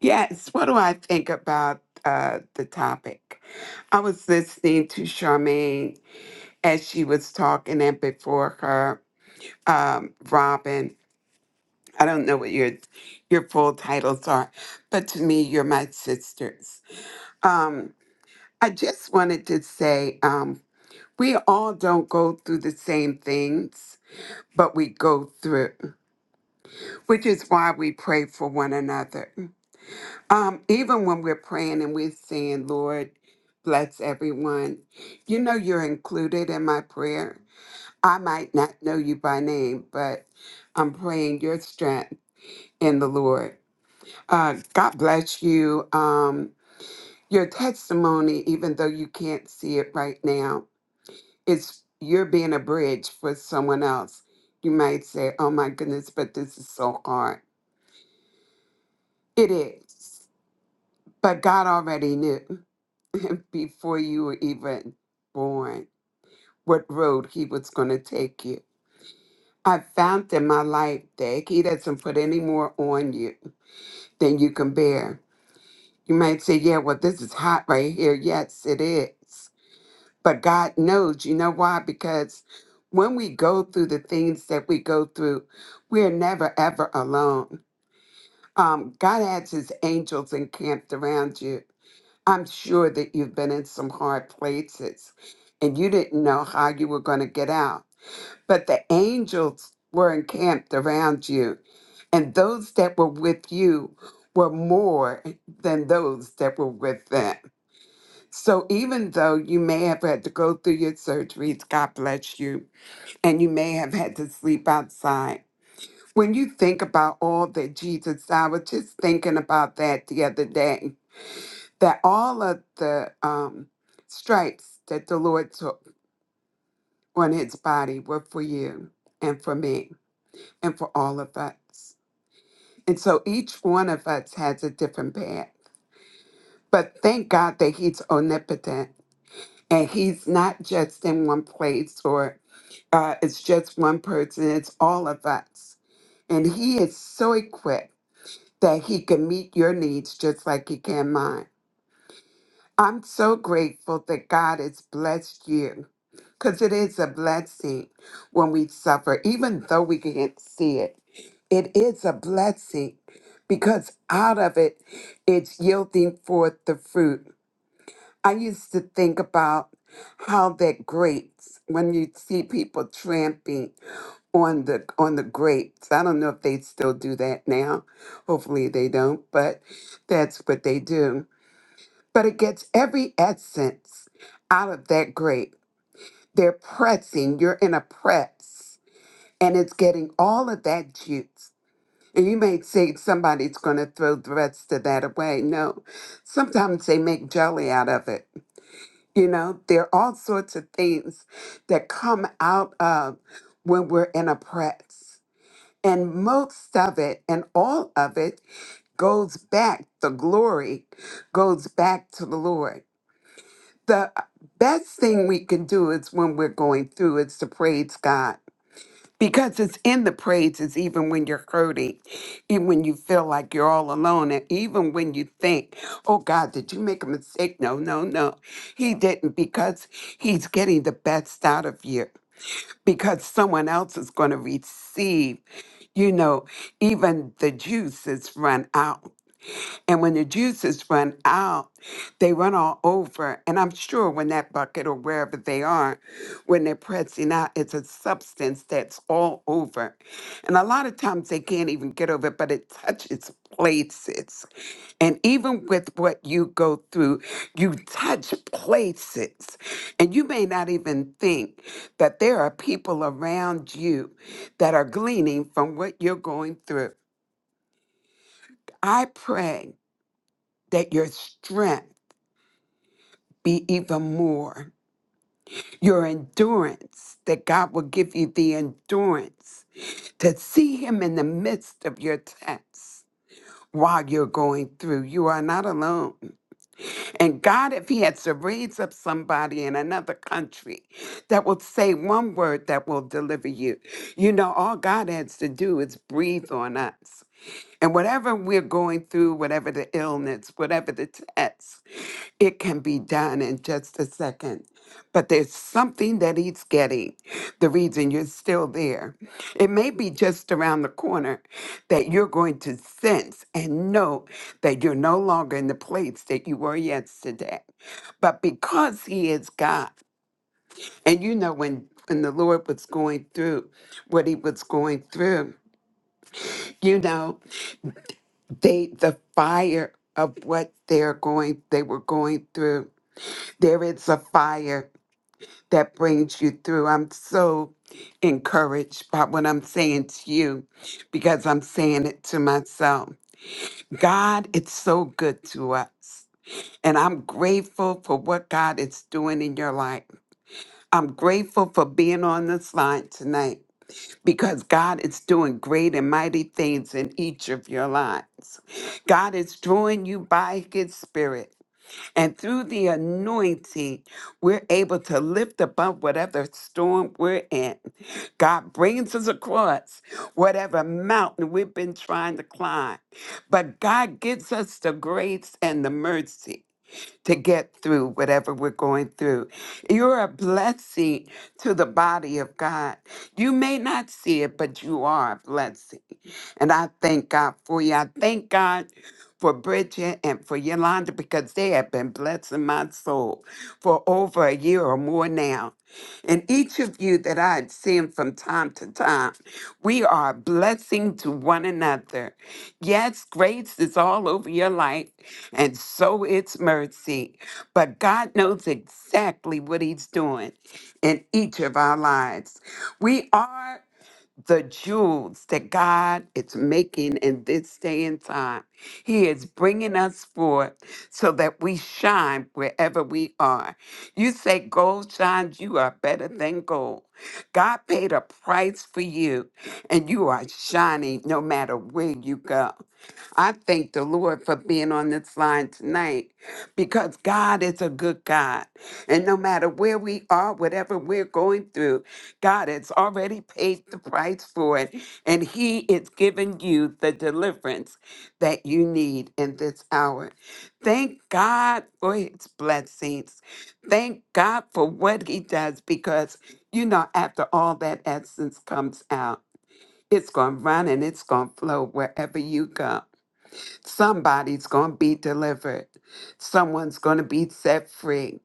yes, what do I think about uh, the topic? I was listening to Charmaine as she was talking, and before her, um, Robin. I don't know what your your full titles are, but to me, you're my sisters. Um, I just wanted to say um, We all don't go through the same things, but we go through, which is why we pray for one another. Um, even when we're praying and we're saying, Lord, bless everyone, you know, you're included in my prayer. I might not know you by name, but I'm praying your strength in the Lord. Uh, God bless you. Um, your testimony, even though you can't see it right now. it's you're being a bridge for someone else. You might say, "Oh my goodness, but this is so hard." It is, but God already knew before you were even born what road He was going to take you. I found in my life that He doesn't put any more on you than you can bear. You might say, "Yeah, well, this is hot right here." Yes, it is. But God knows, you know why? Because when we go through the things that we go through, we are never ever alone. Um, God has his angels encamped around you. I'm sure that you've been in some hard places and you didn't know how you were going to get out. But the angels were encamped around you, and those that were with you were more than those that were with them. So even though you may have had to go through your surgeries, God bless you, and you may have had to sleep outside, when you think about all that Jesus, I was just thinking about that the other day, that all of the um, stripes that the Lord took on his body were for you and for me and for all of us. And so each one of us has a different path. But thank God that he's omnipotent and he's not just in one place or uh, it's just one person, it's all of us. And he is so equipped that he can meet your needs just like he can mine. I'm so grateful that God has blessed you because it is a blessing when we suffer, even though we can't see it. It is a blessing because out of it, it's yielding forth the fruit. I used to think about how that grates when you see people tramping on the on the grapes. I don't know if they still do that now. Hopefully they don't, but that's what they do. But it gets every essence out of that grape. They're pressing, you're in a press, and it's getting all of that juice. And you may say somebody's going to throw the rest of that away. No, sometimes they make jelly out of it. You know, there are all sorts of things that come out of when we're in a press. And most of it and all of it goes back, the glory goes back to the Lord. The best thing we can do is when we're going through is to praise God because it's in the praises, even when you're hurting, even when you feel like you're all alone, and even when you think, oh God, did you make a mistake? No, no, no. He didn't because he's getting the best out of you because someone else is going to receive. You know, even the juice is run out. And when the juices run out, they run all over. And I'm sure when that bucket or wherever they are, when they're pressing out, it's a substance that's all over. And a lot of times they can't even get over it, but it touches places. And even with what you go through, you touch places. And you may not even think that there are people around you that are gleaning from what you're going through. I pray that your strength. be even more. Your endurance, that God will give you the endurance to see Him in the midst of your tests while you're going through. You are not alone. And God, if He has to raise up somebody in another country that will say one word that will deliver you, you know, all God has to do is breathe on us. And whatever we're going through, whatever the illness, whatever the test, it can be done in just a second. But there's something that he's getting, the reason you're still there. It may be just around the corner that you're going to sense and know that you're no longer in the place that you were yesterday. But because he is God, and you know when when the Lord was going through what he was going through, you know, they the fire of what they're going they were going through. There is a fire that brings you through. I'm so encouraged by what I'm saying to you because I'm saying it to myself. God, it's so good to us. And I'm grateful for what God is doing in your life. I'm grateful for being on this line tonight because God is doing great and mighty things in each of your lives. God is drawing you by his spirit. And through the anointing, we're able to lift above whatever storm we're in. God brings us across whatever mountain we've been trying to climb. But God gives us the grace and the mercy to get through whatever we're going through. You're a blessing to the body of God. You may not see it, but you are a blessing. And I thank God for you. I thank God for Bridget and for Yolanda because they have been blessing my soul for over a year or more now. And each of you that I've seen from time to time, we are a blessing to one another. Yes, grace is all over your life, and so it's mercy. But God knows exactly what He's doing in each of our lives. We are the jewels that God is making in this day and time. He is bringing us forth so that we shine wherever we are. You say gold shines, you are better than gold. God paid a price for you, and you are shining no matter where you go. I thank the Lord for being on this line tonight because God is a good God. And no matter where we are, whatever we're going through, God has already paid the price for it, and He is giving you the deliverance that you need in this hour. Thank God for His blessings. Thank God for what He does because, you know, after all that essence comes out, it's going to run and it's going to flow wherever you go. Somebody's going to be delivered, someone's going to be set free.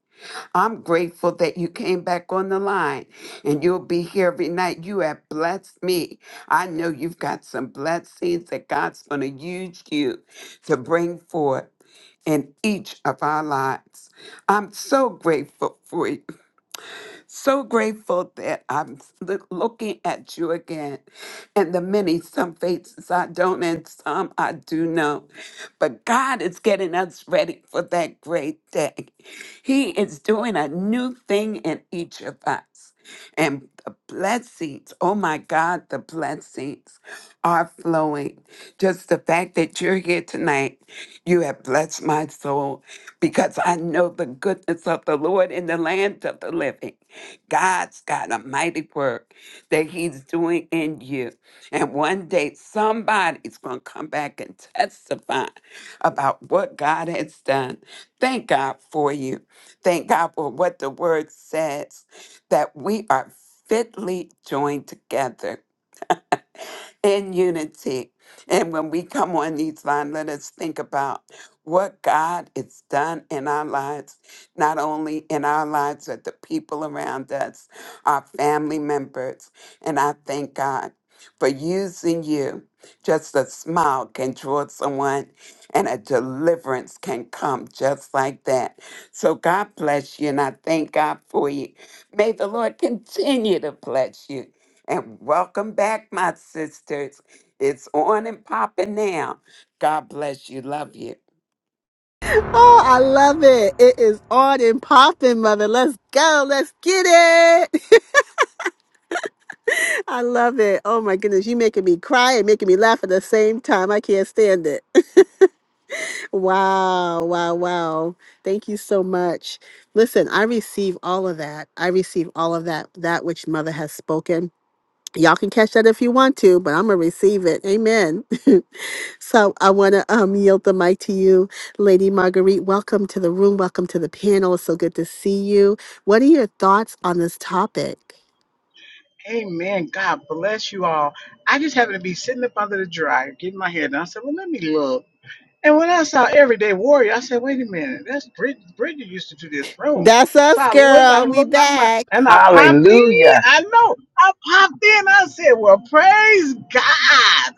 I'm grateful that you came back on the line and you'll be here every night. You have blessed me. I know you've got some blessings that God's going to use you to bring forth in each of our lives. I'm so grateful for you. So grateful that I'm loo- looking at you again and the many, some faces I don't and some I do know. But God is getting us ready for that great day. He is doing a new thing in each of us. And the blessings, oh my God, the blessings are flowing. Just the fact that you're here tonight, you have blessed my soul because I know the goodness of the Lord in the land of the living. God's got a mighty work that He's doing in you. And one day somebody's going to come back and testify about what God has done. Thank God for you. Thank God for what the Word says that we are fitly joined together in unity. And when we come on these lines, let us think about what God has done in our lives, not only in our lives, but the people around us, our family members. And I thank God for using you. Just a smile can draw someone, and a deliverance can come just like that. So God bless you, and I thank God for you. May the Lord continue to bless you and welcome back, my sisters. It's on and popping now. God bless you. Love you. Oh, I love it. It is on and popping, mother. Let's go. Let's get it. I love it. Oh my goodness. You making me cry and making me laugh at the same time. I can't stand it. Wow. Wow. Wow. Thank you so much. Listen, I receive all of that. I receive all of that, that which mother has spoken. Y'all can catch that if you want to, but I'm gonna receive it. Amen. so I want to um, yield the mic to you, Lady Marguerite. Welcome to the room. Welcome to the panel. It's so good to see you. What are your thoughts on this topic? Amen. God bless you all. I just happened to be sitting up under the dryer, getting my hair done. I said, well, let me look. And when I saw Everyday Warrior, I said, wait a minute, that's Bridget. Bridget used to do this room. That's So us, I looked, I girl. We looked, I looked, back. and I popped in. Hallelujah. I know, I popped in. I said, well, praise God.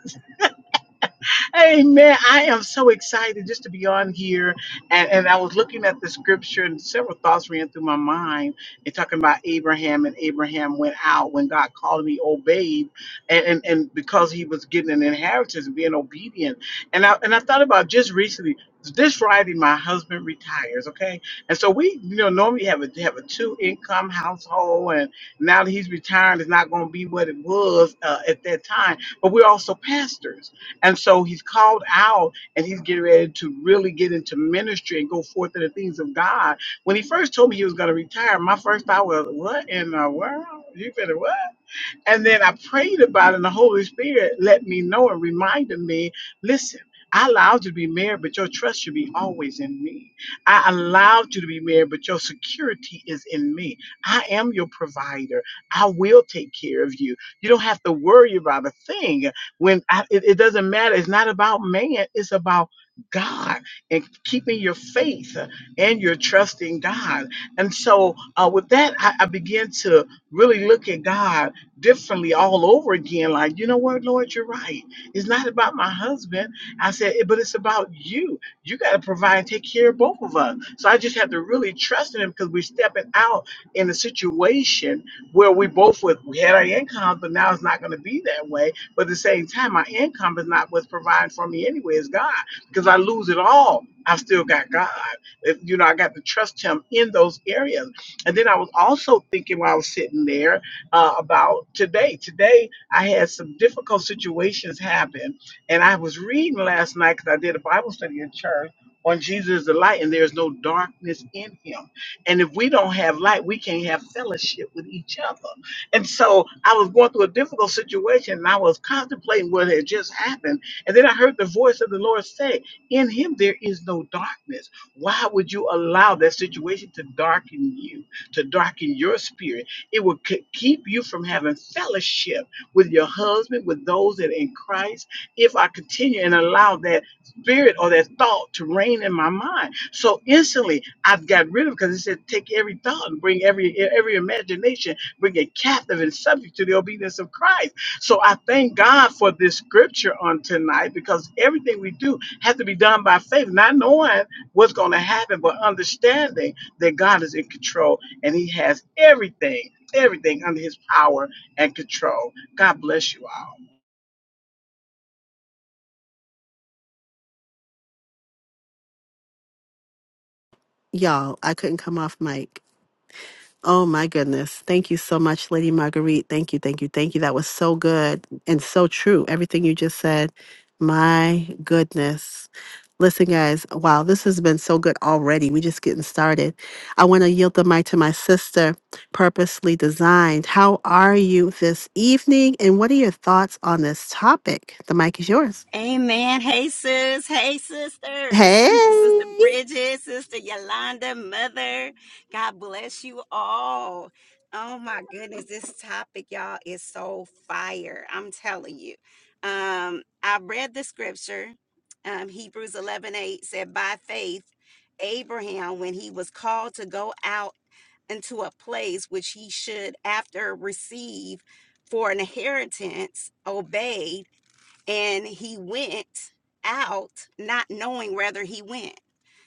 Hey man, I am so excited just to be on here. And, and I was looking at the scripture, and several thoughts ran through my mind. And talking about Abraham, and Abraham went out when God called him, obeyed. And, and, and because he was getting an inheritance and being obedient. And I, and I thought about just recently. This Friday, my husband retires. Okay, and so we, you know, normally have a have a two income household, and now that he's retired, it's not going to be what it was uh, at that time. But we're also pastors, and so he's called out and he's getting ready to really get into ministry and go forth in the things of God. When he first told me he was going to retire, my first thought was, What in the world? You better what? And then I prayed about it, and the Holy Spirit let me know and reminded me listen, I allowed you to be married, but your trust should be always in me. I allowed you to be married, but your security is in me. I am your provider. I will take care of you. You don't have to worry about a thing. When I, it, it doesn't matter, it's not about man, it's about God and keeping your faith and your trust in God. And so, uh, with that, I, I began to really look at God differently all over again. Like, you know what, Lord, you're right. It's not about my husband. I said, but it's about you. You got to provide and take care of both of us. So I just have to really trust in him because we're stepping out in a situation where we both with we had our income, but now it's not going to be that way. But at the same time, my income is not what's providing for me anyway. It's God because I lose it all. I've still got God. If, you know, I got to trust Him in those areas. And then I was also thinking while I was sitting there uh, about today. Today, I had some difficult situations happen, and I was reading last night because I did a Bible study in church on Jesus is the light, and there's no darkness in him. And if we don't have light, we can't have fellowship with each other. And so I was going through a difficult situation, and I was contemplating what had just happened. And then I heard the voice of the Lord say, In him there is no darkness. Why would you allow that situation to darken you? to darken your spirit. It will ke- keep you from having fellowship with your husband, with those that are in Christ, if I continue and allow that spirit or that thought to reign in my mind. So instantly, I've got rid of because it said, take every thought and bring every e-, every imagination, bring it captive and subject to the obedience of Christ. So I thank God for this scripture on tonight because everything we do has to be done by faith, not knowing what's going to happen, but understanding that God is in control and He has everything everything under his power and control. God bless you all. Y'all, I couldn't come off mic. Oh my goodness. Thank you so much, Lady Marguerite. Thank you, thank you, thank you. That was so good and so true. Everything you just said. My goodness. Listen, guys, wow, this has been so good already. we just getting started. I want to yield the mic to my sister, Purposely Designed. How are you this evening? And what are your thoughts on this topic? The mic is yours. Amen. Hey, sis. Hey, sisters. Hey. Sister Bridget, Sister Yolanda, Mother. God bless you all. Oh, my goodness. This topic, y'all, is so fire. I'm telling you. Um, I read the scripture. Um, Hebrews 11:8 said, By faith, Abraham, when he was called to go out into a place which he should after receive for an inheritance, obeyed and he went out not knowing whether he went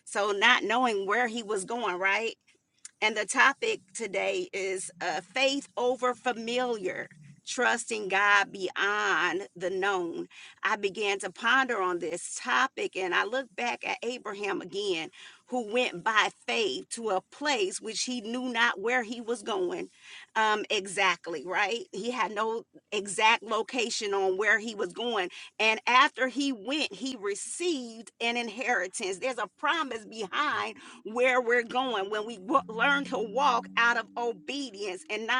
so not knowing where he was going right and the topic today is uh, faith over familiar, trusting God beyond the known. I began to ponder on this topic and I look back at Abraham again, who went by faith to a place which he knew not where he was going um, exactly, right? He had no exact location on where he was going. And after he went, he received an inheritance. There's a promise behind where we're going, when we w- learn to walk out of obedience and not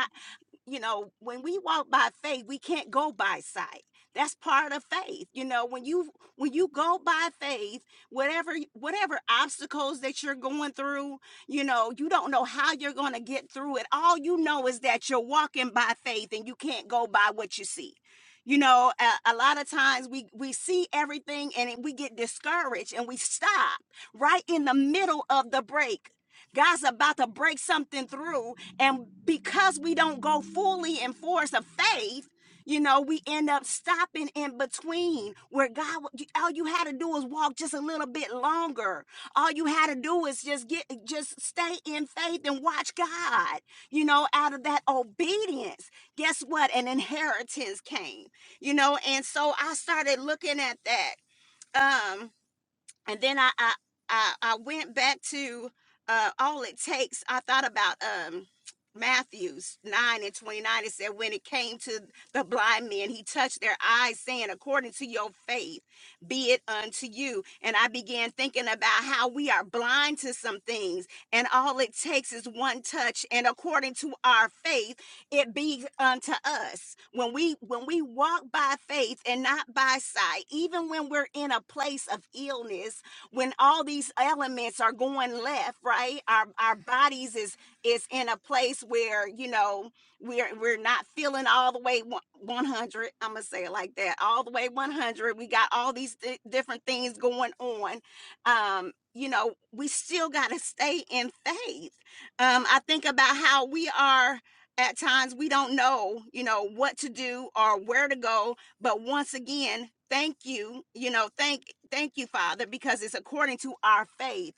you know, when we walk by faith, we can't go by sight. That's part of faith. You know, when you when you go by faith, whatever y- whatever obstacles that you're going through, you know, you don't know how you're going to get through it. All you know is that you're walking by faith and you can't go by what you see. You know, a, a lot of times we we see everything and it- we get discouraged and we stop right in the middle of the break. God's about to break something through and because we don't go fully in force of faith, you know, we end up stopping in between where God, all you had to do was walk just a little bit longer. All you had to do is just get, just stay in faith and watch God, you know, out of that obedience. Guess what? An inheritance came, you know, and so I started looking at that. Um, and then I I I, I went back to uh, all it takes. I thought about um, Matthew's nine and twenty nine. It said, when it came to the blind men, he touched their eyes, saying, "According to your faith, be it unto you." And I began thinking about how we are blind to some things, and all it takes is one touch. And according to our faith it be unto us when we when we walk by faith and not by sight even when we're in a place of illness when all these elements are going left right our our bodies is is in a place where you know we're we're not feeling all the way one- 100 i'm gonna say it like that all the way 100 we got all these di- different things going on um you know we still got to stay in faith um i think about how we are at times we don't know, you know, what to do or where to go. But once again, thank you, you know, thank thank you, Father, because it's according to our faith.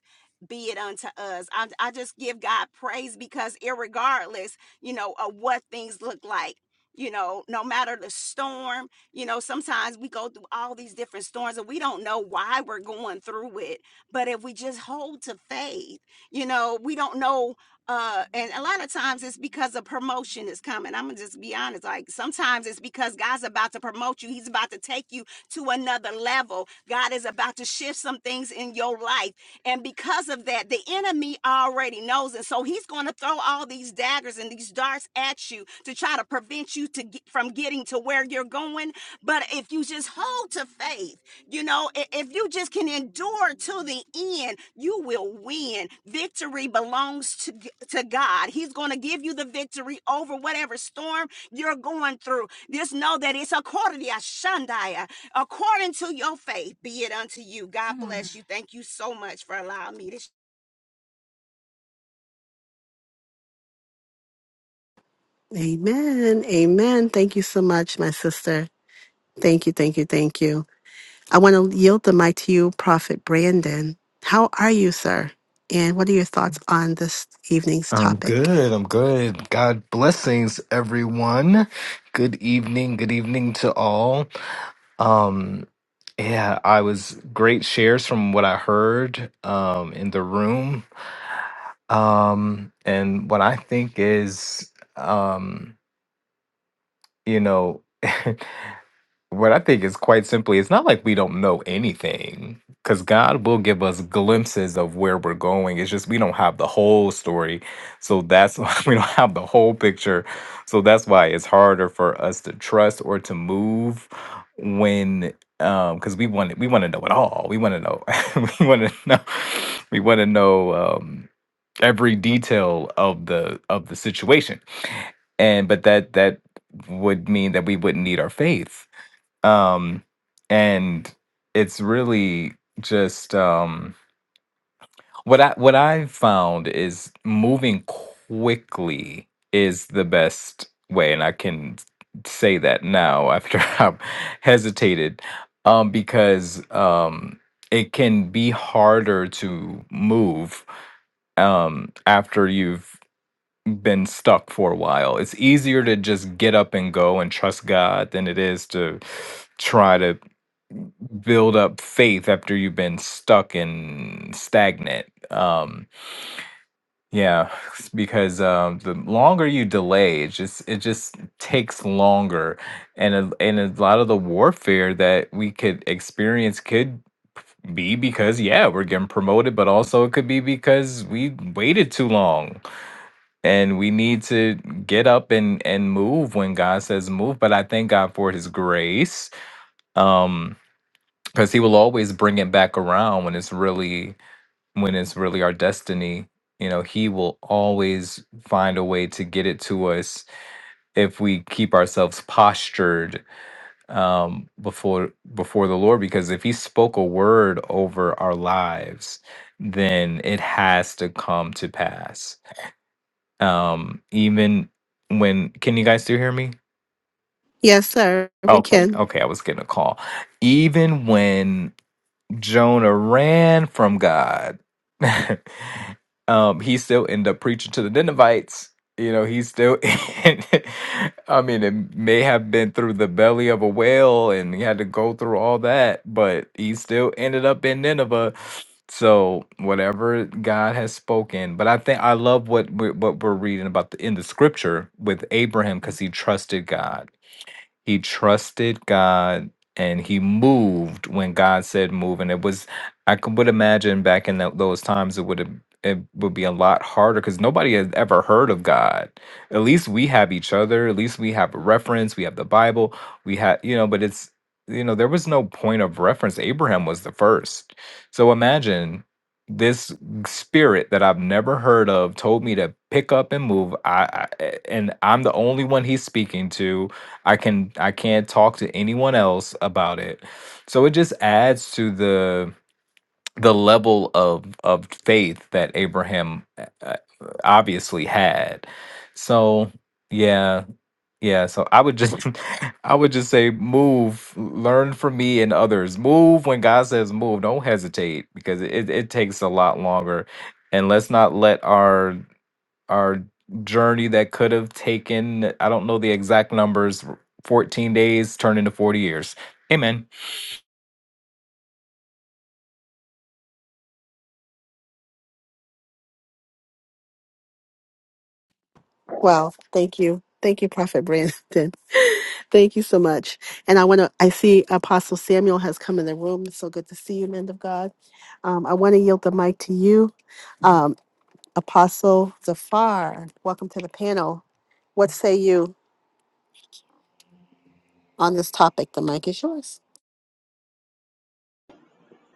Be it unto us. I, I just give God praise because, irregardless, you know, of what things look like, you know, no matter the storm, you know, sometimes we go through all these different storms and we don't know why we're going through it. But if we just hold to faith, you know, we don't know uh and a lot of times it's because a promotion is coming i'm gonna just be honest like sometimes it's because god's about to promote you he's about to take you to another level god is about to shift some things in your life and because of that the enemy already knows and so he's gonna throw all these daggers and these darts at you to try to prevent prevent you to get, from getting to where you're going. But if you just hold to faith, you know, i- if you just can endure to the end, you will win. Victory belongs to, g- to God. He's going to give you the victory over whatever storm you're going through. Just know that it's according to Shandaya, according to your faith, be it unto you. God Mm. bless you. Thank you so much for allowing me to. Amen. Amen. Thank you so much, my sister. Thank you, thank you, thank you. I want to yield the mic to you, Prophet Brandon. How are you, sir? And what are your thoughts on this evening's I'm topic? good. I'm good. God blessings, everyone. Good evening. Good evening to all. Um, yeah, I was great shares from what I heard um, in the room, um, and what I think is, um, you know. What I think is quite simply, it's not like we don't know anything, because God will give us glimpses of where we're going. It's just we don't have the whole story. So that's why we don't have the whole picture. So that's why it's harder for us to trust or to move when um because we want we want to know it all. We want to know we want to know we want to know um every detail of the of the situation. And but that that would mean that we wouldn't need our faith um and it's really just um what i what i found is moving quickly is the best way and i can say that now after i've hesitated um because um it can be harder to move um after you've been stuck for a while it's easier to just get up and go and trust god than it is to try to build up faith after you've been stuck and stagnant. Um, yeah, because um, the longer you delay, it just it just takes longer, and a, and a lot of the warfare that we could experience could be because yeah, we're getting promoted, but also it could be because we waited too long, and we need to get up and and move when God says move. But I thank God for His grace. Um, because he will always bring it back around when it's really when it's really our destiny you know he will always find a way to get it to us if we keep ourselves postured um, before before the lord because if he spoke a word over our lives then it has to come to pass um even when can you guys still hear me Yes, sir, we okay can. okay i was getting a call even when Jonah ran from God. um, he still ended up preaching to the Ninevites. You know, he still, I mean, it may have been through the belly of a whale and he had to go through all that, but he still ended up in Nineveh. So whatever God has spoken, but I think I love what we're, what we're reading about the, in the scripture with Abraham because he trusted God he trusted God and he moved when God said move. And it was, I could, would imagine back in tho- those times, it would have. It would be a lot harder because nobody has ever heard of God. At least we have each other. At least we have a reference. We have the Bible. We have, you know, but it's, you know, there was no point of reference. Abraham was the first. So imagine this spirit that I've never heard of told me to pick up and move. I, I and I'm the only one he's speaking to I can I can't talk to anyone else about it. So it just adds to the the level of of faith that Abraham uh, uh, obviously had. So yeah, yeah, so I would just I would just say move, learn from me and others. Move when God says move, don't hesitate because it it takes a lot longer. And let's not let our our journey that could have taken I don't know the exact numbers 14 days turned into 40 years. Amen. Well, thank you. Thank you, Prophet Brandon. thank you so much. And I want to, I see Apostle Samuel has come in the room. It's so good to see you, men of God. Um, I want to yield the mic to you, um, Apostle Zafar. Welcome to the panel. What say you on this topic? The mic is yours.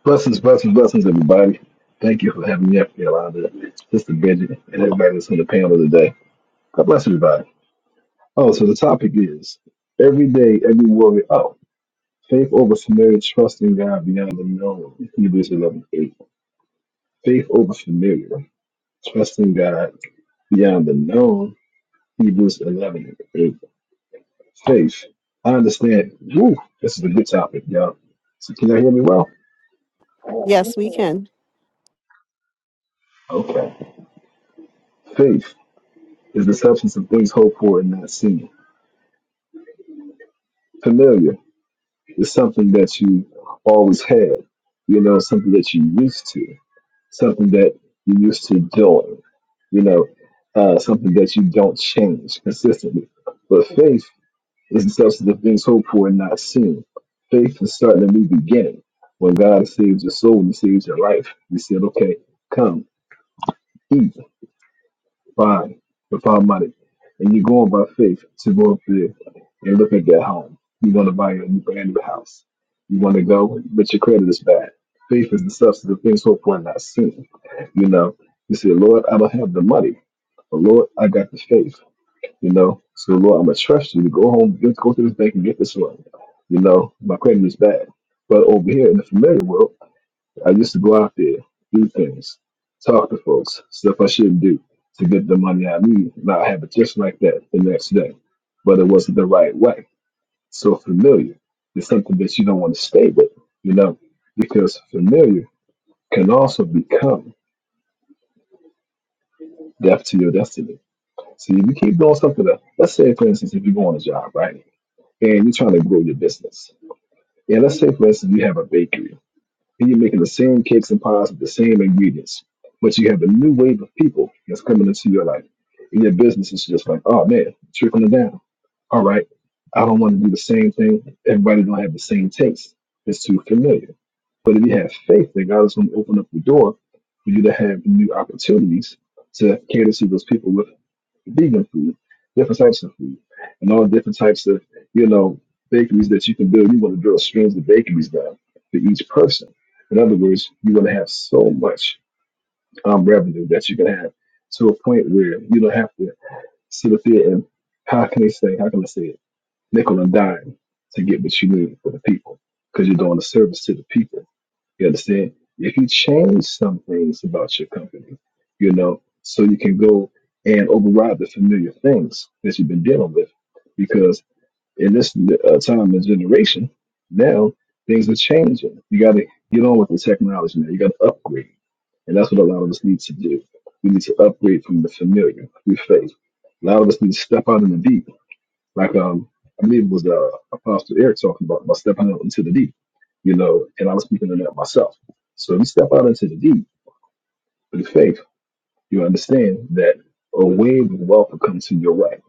Blessings, blessings, blessings, everybody. Thank you for having me up, here, Yolanda, Sister Bridget, and everybody that's on the panel today. God bless everybody. Oh, so the topic is every day, every warrior. Oh, faith over familiar, trusting God beyond the known. Hebrews 11:8. Faith over familiar, trusting God beyond the known. Hebrews 11 eight. Faith. I understand. Woo, this is a good topic, y'all. So can y'all hear me well? Yes, we can. Okay. Faith is the substance of things hoped for and not seen familiar. is something that you always had, you know, something that you used to, something that you used to doing, you know, uh, something that you don't change consistently. But faith is the substance of things hoped for and not seen. Faith is starting a new beginning. When God saves your soul and saves your life, He said, okay, come, eat fine without money, and you're going by faith to go up there and look at that home. You want to buy a brand new house. You want to go, but your credit is bad. Faith is the substance of things hoped for and not seen. You know, you say, Lord, I don't have the money, but Lord, I got the faith. You know, so Lord, I'm gonna trust you to go home, get, go to this bank and get this one. You know, my credit is bad. But over here in the familiar world. I used to go out there, do things, talk to folks, stuff I shouldn't do to get the money I need. Now I have it just like that the next day, but it wasn't the right way. So familiar is something that you don't want to stay with, you know, because familiar can also become death to your destiny. See, if you keep doing something that, let's say, for instance, if you go on a job, right, and you're trying to grow your business, and let's say, for instance, you have a bakery and you're making the same cakes and pies with the same ingredients, but you have a new wave of people that's coming into your life. And your business is just like, oh man, trickling down. All right, I don't want to do the same thing. Everybody don't have the same taste. It's too familiar. But if you have faith that God is going to open up the door for you to have new opportunities to cater to those people with vegan food, different types of food, and all different types of, you know, bakeries that you can build. You want to build streams of bakeries down for each person. In other words, you want to have so much um, revenue that you can have to a point where you don't have to sit up there and, how can they say, how can I say it, nickel and dime to get what you need for the people because you're doing a service to the people you understand? If you change some things about your company, you know, so you can go and override the familiar things that you've been dealing with, because in this uh, time and generation, now things are changing. You got to get on with the technology now. You got to upgrade, and that's what a lot of us need to do. We need to upgrade from the familiar we face. A lot of us need to step out in the deep like um, I believe it was uh, Apostle Eric talking about, about stepping out into the deep, you know, and I was speaking to that myself. So if you step out into the deep with faith, you understand that a wave of wealth will come to your way.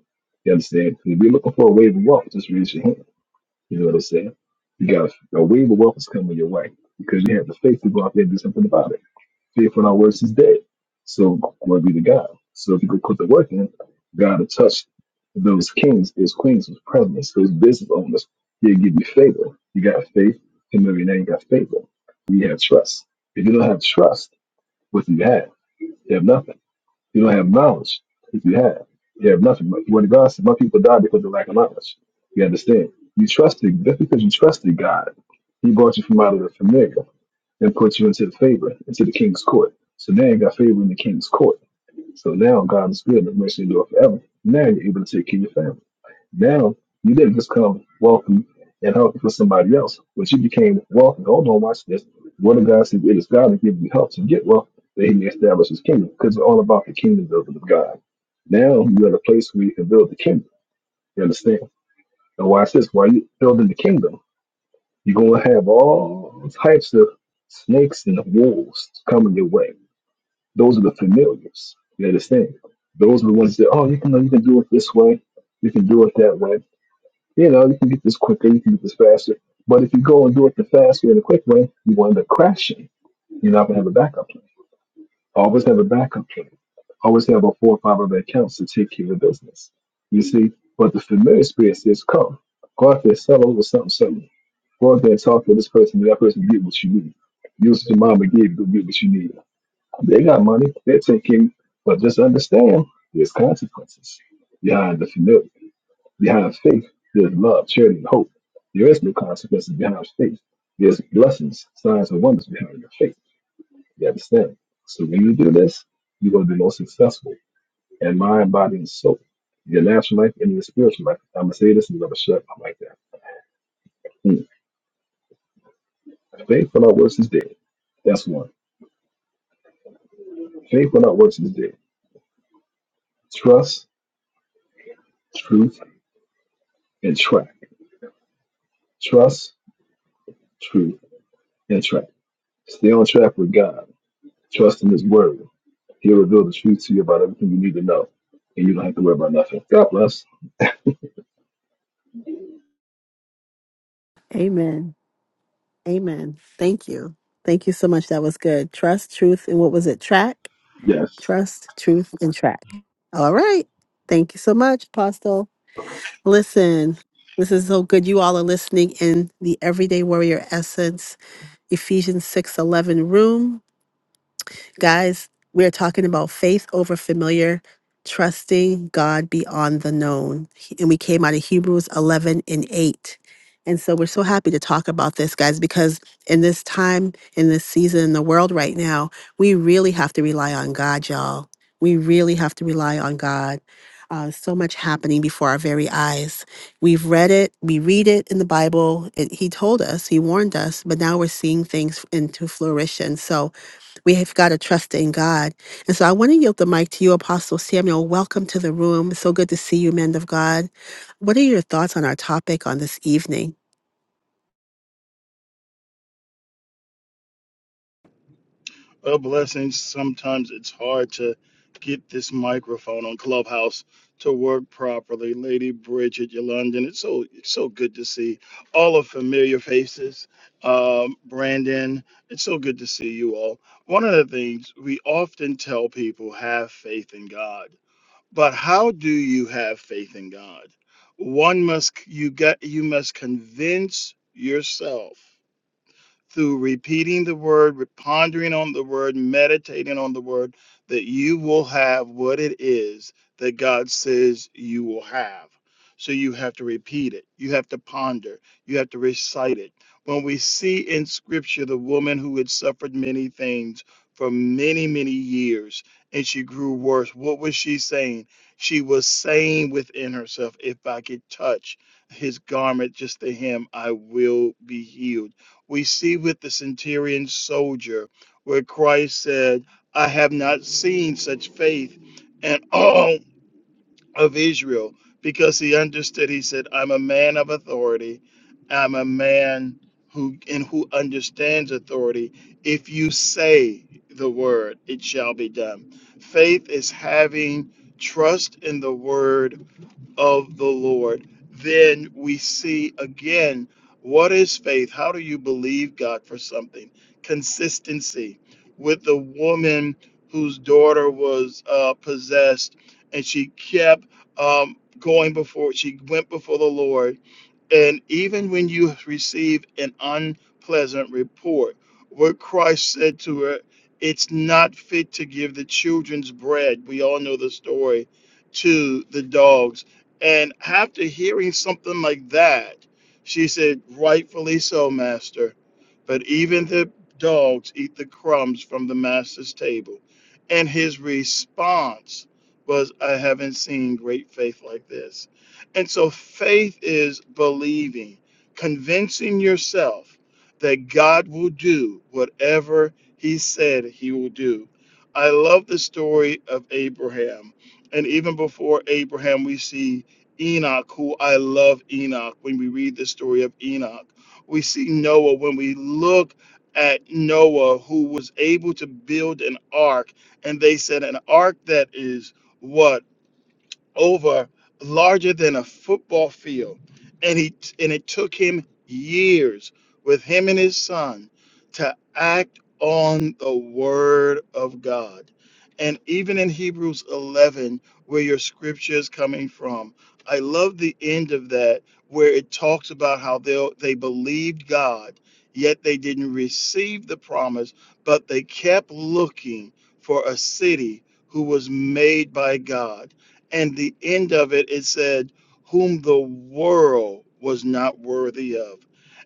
You understand? If you're looking for a wave of wealth, just raise your hand. You know what I'm saying? You got a wave of wealth is coming your way because you have the faith to go out there and do something about it. Faith without works is dead. So glory be to God. So if you could put the work in, God will touch those kings, those queens, those presidents, those business owners. He'll give you favor. You got faith. And maybe now you got favor. You have trust. If you don't have trust, what do you have? You have nothing. You don't have knowledge. If you have, you have nothing. But Word of God said, my people die because of lack of knowledge. You understand? You trusted, just because you trusted God, He brought you from out of the familiar and put you into the favor, into the king's court. So now you got favor in the king's court. So now God is good and mercy endure forever. Now you're able to take care of your family. Now you didn't just come wealthy and help for somebody else, but you became wealthy. Hold on, watch this. What of God says it is God that gives you help to get wealth that he may establish his kingdom because it's all about the kingdom building of God. Now you're at a place where you can build the kingdom. You understand? And watch this. While you're building the kingdom, you're going to have all types of snakes and wolves coming your way. Those are the familiars. You understand? Those are the ones that, oh, you can, you can do it this way. You can do it that way you know, you can get this quicker, you can get this faster. But if you go and do it the fast way and the quick way, you wind up crashing. You're not gonna have a backup plan. Always have a backup plan. Always have a four or five other accounts to take care of business. You see, but the familiar spirit says, "Come, go out there, sell over something, something. Go out there and talk to this person. and That person get what you need. Use what your mama gave you to get what you need. They got money. They're taking, but just understand there's consequences behind the familiar. Behind faith, there's love, charity, and hope. There is no consequences behind faith. There's blessings, signs, and wonders behind your faith. You understand? So when you do this, you're going to be most successful in mind, body, and soul. Your natural life and your spiritual life. I'm going to say this and I'm going to shut up like that. Hmm. Faith without works is dead. That's one. Faith without works is dead. Trust, truth, and track. Trust, truth, and track. Stay on track with God. Trust in His Word. He'll reveal the truth to you about everything you need to know, and you don't have to worry about nothing. God bless. Amen. Amen. Thank you. Thank you so much. That was good. Trust, truth, and what was it? Track? Yes. Trust, truth, and track. All right. Thank you so much, Apostle. Listen, this is so good. You all are listening in the Everyday Warrior Essence, Ephesians 6 11 room. Guys, we're talking about faith over familiar, trusting God beyond the known. He- And we came out of Hebrews 11 and 8. And so we're so happy to talk about this, guys, because in this time, in this season, in the world right now, we really have to rely on God, y'all. We really have to rely on God. Uh, so much happening before our very eyes. We've read it, we read it in the Bible. It, he told us, He warned us, but now we're seeing things into fruition. So we have got to trust in God. And so I want to yield the mic to you, Apostle Samuel. Welcome to the room. so good to see you, men of God. What are your thoughts on our topic on this evening? Well, blessings. Sometimes it's hard to get this microphone on Clubhouse to work properly. Lady Bridget, Yolanda, and it's so it's so good to see all of familiar faces. Um, Brandon, it's so good to see you all. One of the things we often tell people have faith in God, but how do you have faith in God? One must you got you must convince yourself through repeating the word, pondering on the word, meditating on the word, that you will have what it is that God says you will have. So you have to repeat it, you have to ponder, you have to recite it. When we see in scripture the woman who had suffered many things for many, many years and she grew worse, what was she saying? She was saying within herself, If I could touch his garment, just the hem, I will be healed we see with the centurion soldier where Christ said, I have not seen such faith in all of Israel because he understood. He said, I'm a man of authority. I'm a man who and who understands authority. If you say the word, it shall be done. Faith is having trust in the word of the Lord, then we see again what is faith? How do you believe God for something? Consistency with the woman whose daughter was uh, possessed, and she kept um, going before, she went before the Lord and even when you receive an unpleasant report, what Christ said to her, it's not fit to give the children's bread. We all know the story to the dogs. And after hearing something like that, she said, Rightfully so, Master. But even the dogs eat the crumbs from the Master's table. And his response was, I haven't seen great faith like this and so faith is believing, convincing yourself that God will do whatever he said he will do. I love the story of Abraham. And even before Abraham, we see Enoch, who I love Enoch when we read the story of Enoch. We see Noah when we look at Noah, who was able to build an ark. And they said, an ark that is what? over larger than a football field and he and it took him years with him and his son to act on the word of god and even in hebrews 11 where your scripture is coming from i love the end of that where it talks about how they they believed god yet they didn't receive the promise but they kept looking for a city who was made by god and the end of it, it said, Whom the world was not worthy of.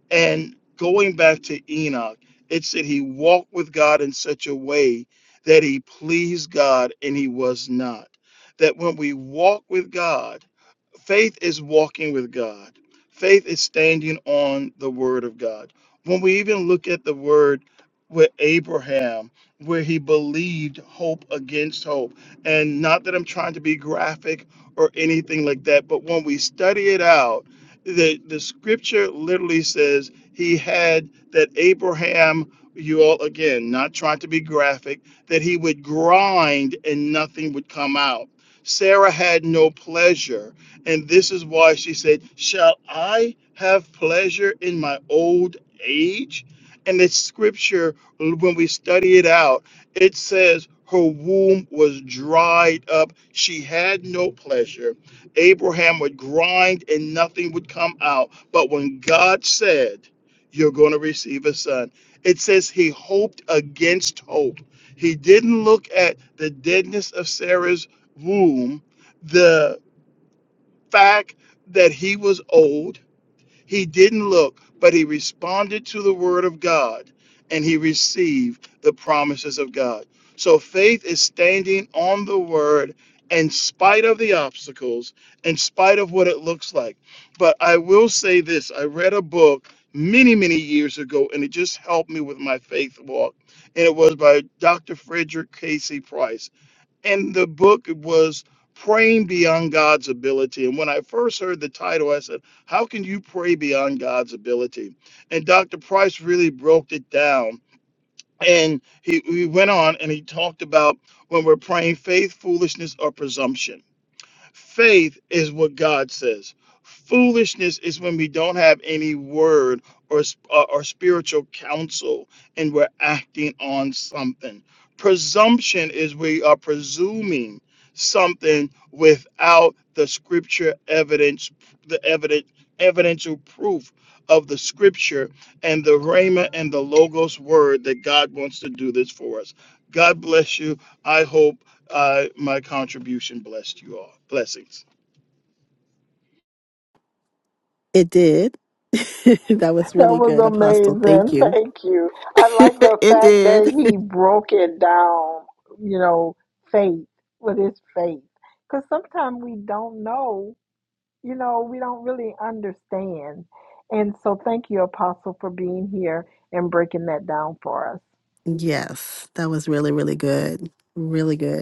And going back to Enoch, it said he walked with God in such a way that he pleased God and he was not. That when we walk with God, Faith is walking with God. Faith is standing on the word of God. When we even look at the word with Abraham, where he believed hope against hope, and not that I'm trying to be graphic or anything like that, but when we study it out, the, the scripture literally says he had that Abraham, you all again, not trying to be graphic, that he would grind and nothing would come out. Sarah had no pleasure and this is why she said, Shall I have pleasure in my old age? And it's scripture, when we study it out, it says, Her womb was dried up. She had no pleasure. Abraham would grind and nothing would come out. But when God said, You're going to receive a son, it says he hoped against hope. He didn't look at the deadness of Sarah's womb, the fact that he was old, he didn't look, but he responded to the word of God and he received the promises of God. So faith is standing on the word in spite of the obstacles, in spite of what it looks like. But I will say this I read a book many, many years ago, and it just helped me with my faith walk. And it was by Dr. Frederick Casey Price and the book was praying beyond god's ability and when i first heard the title i said how can you pray beyond god's ability and dr price really broke it down and he, he went on and he talked about when we're praying faith foolishness or presumption Faith is what God says. Foolishness is when we don't have any word or uh, or spiritual counsel and we're acting on something. Presumption is we are presuming something without the scripture evidence, the evident evidential proof of the scripture and the rhema and the logos word that God wants to do this for us. God bless you. I hope uh, my contribution blessed you all. Blessings. It did. that was really good, Apostle. Thank you. it did. Yes, that was really, really good. Really good.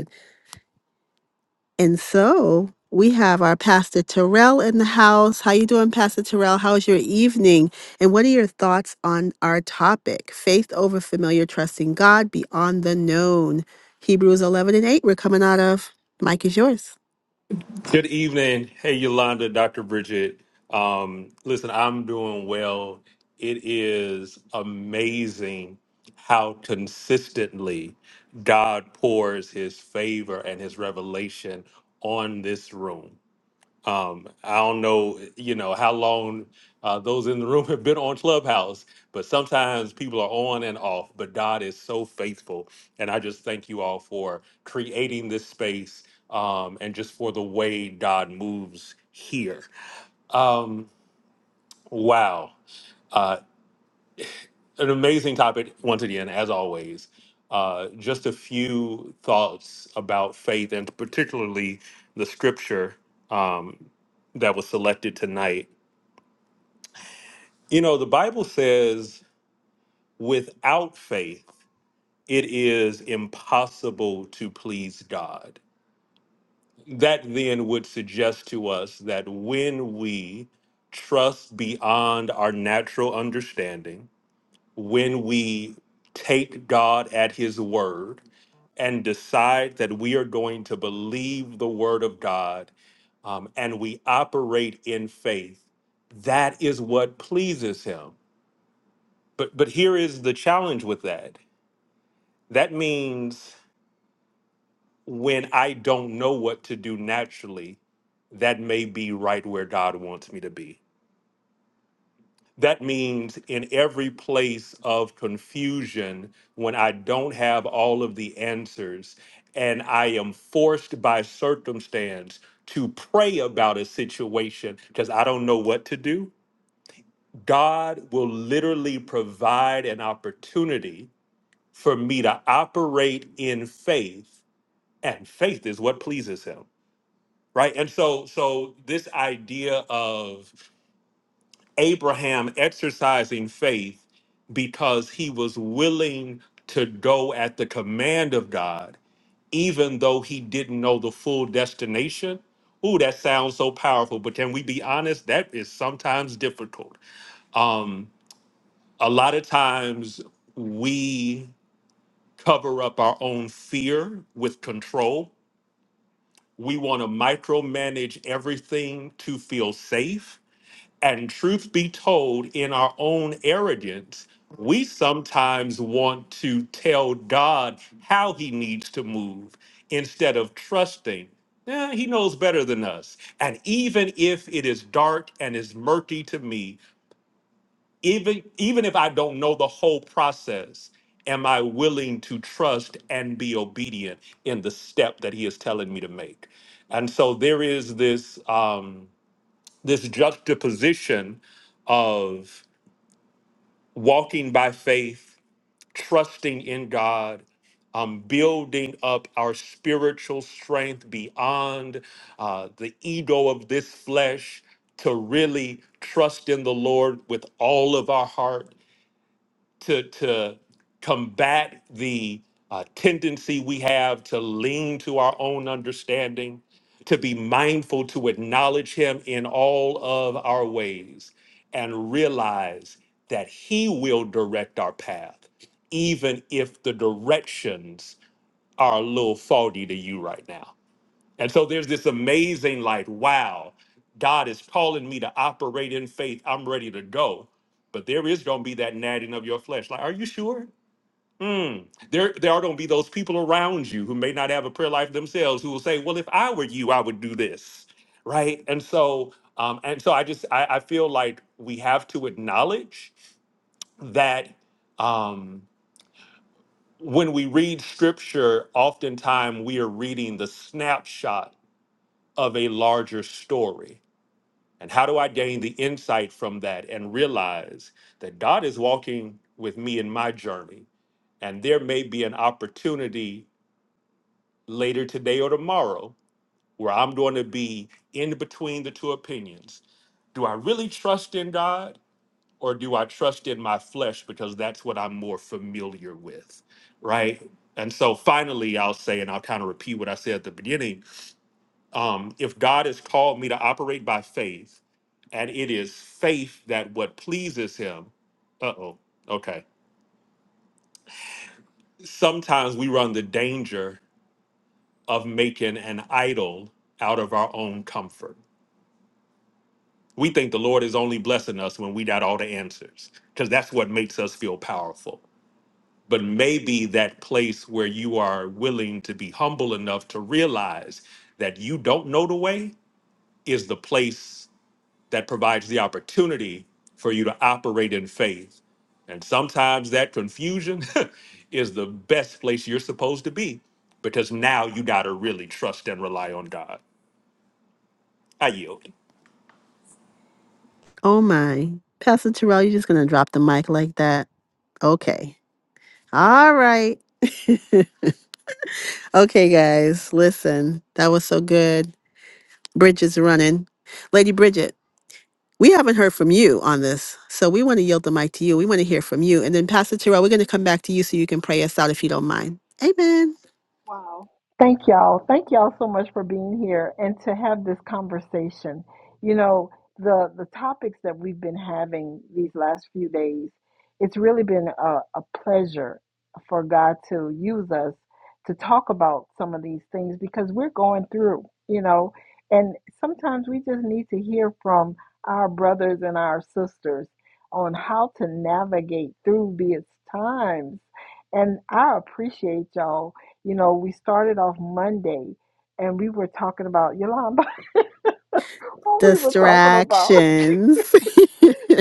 And so we have our Pastor Terrell in the house. How you doing, Pastor Terrell? How's your evening? And what are your thoughts on our topic? Faith over familiar, trusting God beyond the known. Hebrews 11 and 8, we're coming out of. Mike is yours. Good evening. Hey, Yolanda, Dr. Bridget. Um, listen, I'm doing well. It is amazing how consistently God pours his favor and his revelation on this room. Um, I don't know, you know, how long uh, those in the room have been on Clubhouse, but sometimes people are on and off. But God is so faithful, and I just thank you all for creating this space um, and just for the way God moves here. Um, wow, uh, an amazing topic once again, as always. Uh, just a few thoughts about faith and particularly the scripture um, that was selected tonight You know, the Bible says without faith, it is impossible to please God. That then would suggest to us that when we trust beyond our natural understanding, when we take God at his word and decide that we are going to believe the word of God um, and we operate in faith, that is what pleases him But but here is the challenge with that. That means when I don't know what to do naturally, that may be right where God wants me to be. That means in every place of confusion, when I don't have all of the answers and I am forced by circumstance to pray about a situation because I don't know what to do, God will literally provide an opportunity for me to operate in faith and faith is what pleases him right and so so this idea of abraham exercising faith because he was willing to go at the command of god even though he didn't know the full destination ooh that sounds so powerful but can we be honest that is sometimes difficult um a lot of times we cover up our own fear with control. We want to micromanage everything to feel safe. And truth be told, in our own arrogance, we sometimes want to tell God how he needs to move instead of trusting. "Eh, he knows better than us. And even if it is dark and is murky to me, even even if I don't know the whole process, am I willing to trust and be obedient in the step that He is telling me to make? And so there is this um, this juxtaposition of walking by faith, trusting in God. Um, building up our spiritual strength beyond uh, the ego of this flesh to really trust in the Lord with all of our heart, to to combat the uh, tendency we have to lean to our own understanding, to be mindful to acknowledge Him in all of our ways, and realize that He will direct our path, even if the directions are a little faulty to you right now. And so there's this amazing, like, wow, God is calling me to operate in faith. I'm ready to go. But there is going to be that nagging of your flesh. Like, are you sure? Mm. There, there are going to be those people around you who may not have a prayer life themselves who will say, well, if I were you, I would do this. Right. And so, um, and so I just, I, I feel like we have to acknowledge that um, when we read scripture, oftentimes we are reading the snapshot of a larger story. And how do I gain the insight from that and realize that God is walking with me in my journey? And there may be an opportunity later today or tomorrow where I'm going to be in between the two opinions. Do I really trust in God or do I trust in my flesh because that's what I'm more familiar with? Right. And so finally, I'll say, and I'll kind of repeat what I said at the beginning Um, if God has called me to operate by faith, and it is faith that what pleases Him, uh oh, okay. Sometimes we run the danger of making an idol out of our own comfort. We think the Lord is only blessing us when we got all the answers, because that's what makes us feel powerful. But maybe that place where you are willing to be humble enough to realize that you don't know the way is the place that provides the opportunity for you to operate in faith. And sometimes that confusion is the best place you're supposed to be because now you got to really trust and rely on God. I yield. Oh my. Pastor Terrell, you're just going to drop the mic like that? Okay. All right. Okay, guys, listen. That was so good. Bridget's running. Lady Bridget. We haven't heard from you on this, so we want to yield the mic to you. We want to hear from you. And then, Pastor Terrell, we're going to come back to you so you can pray us out if you don't mind. Amen. Distractions.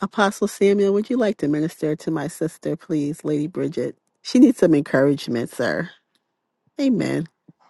Apostle Samuel, would you like to minister to my sister, please, Lady Bridget? She needs some encouragement, sir. Amen.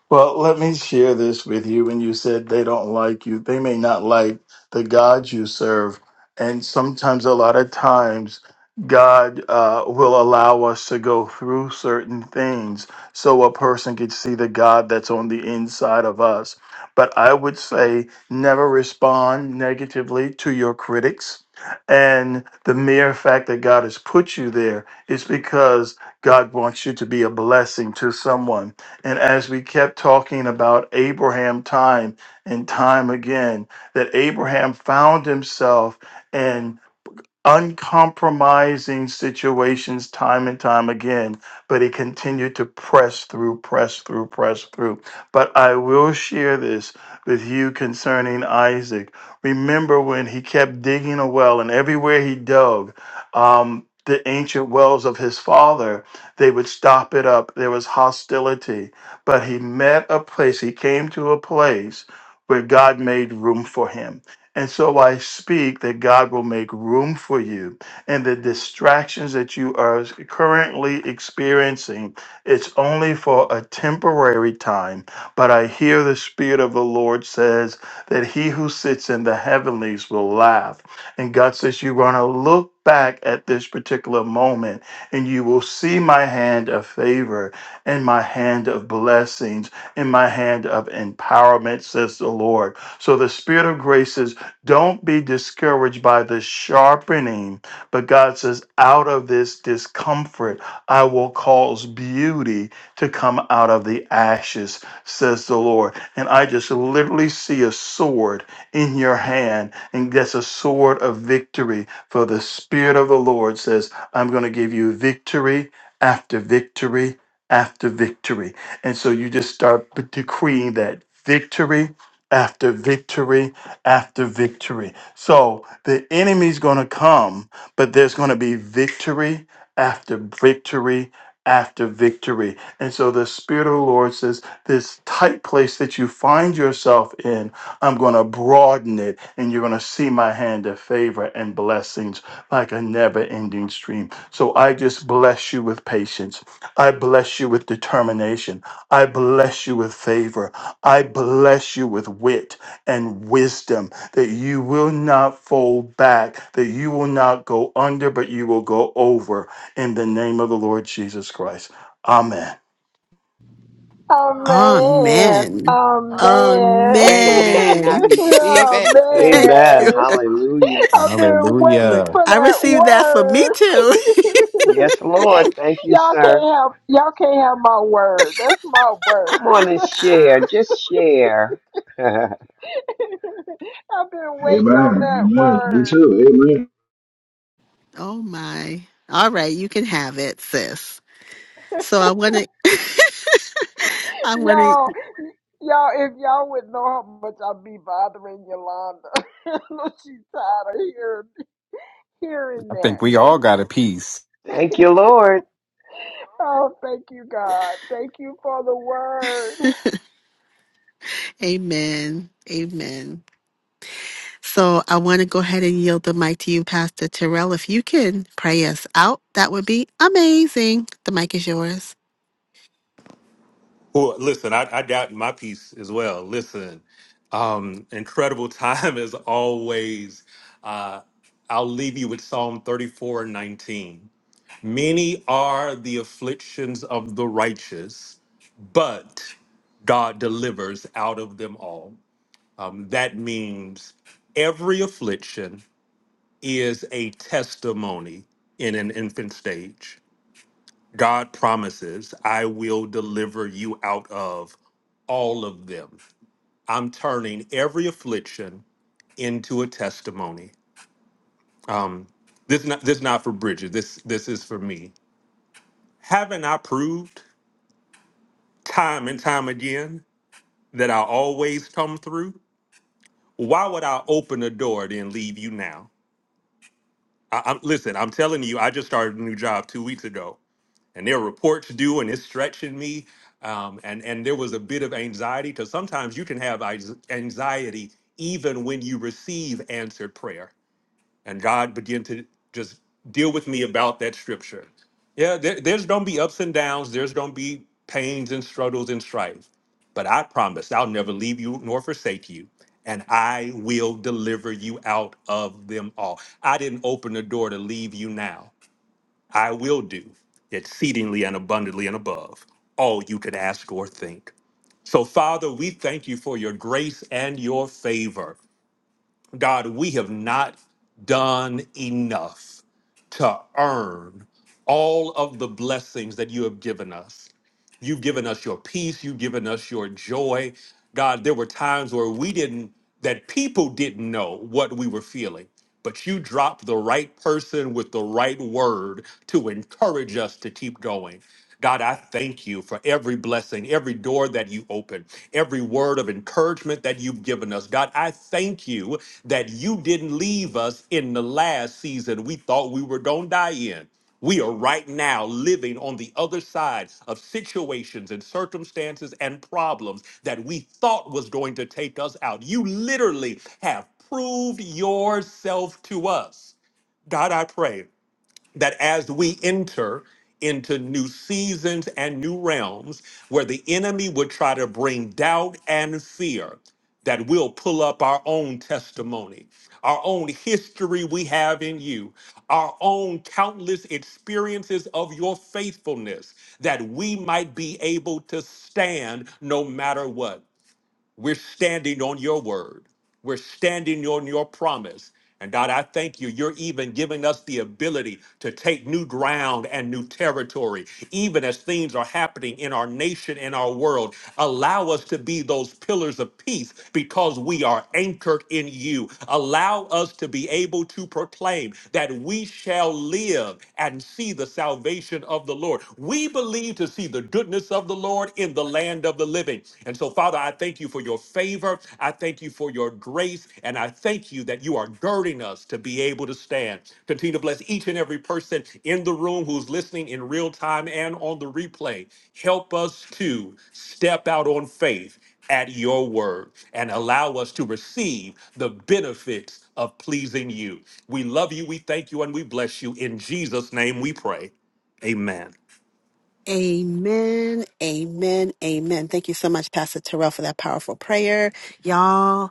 Well, let me share this with you. When you said they don't like you, they may not like the God you serve. And sometimes, a lot of times, God uh, will allow us to go through certain things so a person could see the God that's on the inside of us. But I would say never respond negatively to your critics. And the mere fact that God has put you there is because God wants you to be a blessing to someone. And as we kept talking about Abraham time and time again, that Abraham found himself uncompromising situations time and time again, but he continued to press through, press through, press through. But I will share this with you concerning Isaac. Remember when he kept digging a well, and everywhere he dug, um, the ancient wells of his father, they would stop it up. There was hostility. But he met a place, he came to a place where God made room for him and so I speak that God will make room for you and the distractions that you are currently experiencing, it's only for a temporary time. But I hear the Spirit of the Lord says that he who sits in the heavenlies will laugh. And God says, You're going to look back at this particular moment and you will see my hand of favor and my hand of blessings and my hand of empowerment, says the Lord. So the Spirit of grace is don't be discouraged by the sharpening, but God says, out of this discomfort, I will cause beauty to come out of the ashes, says the Lord. And I just literally see a sword in your hand, and that's a sword of victory. For the Spirit of the Lord says, I'm going to give you victory after victory after victory. And so you just start decreeing that victory after victory after victory. So the enemy's going to come, but there's going to be victory after victory after victory. And so the Spirit of the Lord says, This tight place that you find yourself in, I'm going to broaden it, and you're going to see my hand of favor and blessings like a never ending stream. So I just bless you with patience. I bless you with determination. I bless you with favor. I bless you with wit and wisdom, that you will not fold back, that you will not go under, but you will go over in the name of the Lord Jesus Christ. Amen. Amen. Amen. I Amen. receive it. Thank Amen. you. Hallelujah. Look, Hallelujah. I received that for me too. Yes, Lord. Thank you, sir. Come on and share. Just share. Amen. Amen. Me too. Amen. Oh my. All right, you can have it, sis. So I want to. I want to, I think we all got a piece. Thank you, Lord. amen, amen. So I want to go ahead and yield the mic to you, Pastor Terrell. If you can pray us out, that would be amazing. The mic is yours. Well, listen, I, I doubt my piece as well. Listen, um, incredible time as always. Uh, I'll leave you with Psalm 34 and 19. Many are the afflictions of the righteous but God delivers out of them all. Um, that means every affliction is a testimony in an infant stage. God promises, I will deliver you out of all of them. I'm turning every affliction into a testimony. Um, this not this not for Bridget. This this is for me. Haven't I proved time and time again that I always come through? why would I open the door then leave you now? I, I'm listen. I'm telling you, I just started a new job two weeks ago, and there are reports due, and it's stretching me. Um, and and there was a bit of anxiety because sometimes you can have anx- anxiety even when you receive answered prayer and God began to just deal with me about that scripture. Yeah, there, there's gonna be ups and downs. There's gonna be pains and struggles and strife, but I promise I'll never leave you nor forsake you, and I will deliver you out of them all. I didn't open the door to leave you now. I will do exceedingly and abundantly and above all you could ask or think. So, Father, we thank you for your grace and your favor. God, we have not done enough to earn all of the blessings that you have given us. You've given us your peace. You've given us your joy. God, there were times where we didn't, that people didn't know what we were feeling, but you dropped the right person with the right word to encourage us to keep going. God, I thank you for every blessing, every door that you open, every word of encouragement that you've given us. God, I thank you that you didn't leave us in the last season we thought we were going to die in. We are right now living on the other side of situations and circumstances and problems that we thought was going to take us out. You literally have proved yourself to us. God, I pray that as we enter into new seasons and new realms where the enemy would try to bring doubt and fear, that we'll pull up our own testimony, our own history we have in you, our own countless experiences of your faithfulness, that we might be able to stand no matter what. We're standing on your word. We're standing on your promise. And God, I thank you. You're even giving us the ability to take new ground and new territory, even as things are happening in our nation and our world. Allow us to be those pillars of peace because we are anchored in you. Allow us to be able to proclaim that we shall live and see the salvation of the Lord. We believe to see the goodness of the Lord in the land land of the living. And so, Father, I thank you for your favor. I thank you for your grace. And I thank you that you are girding us to be able to stand. Continue to bless each and every person in the room who's listening in real time and on the replay. Help us to step out on faith at your word and allow us to receive the benefits of pleasing you. We love you. We thank you and we bless you. In Jesus' name we pray. Amen. Amen, amen, amen. Thank you so much, Pastor Terrell, for that powerful prayer. Y'all.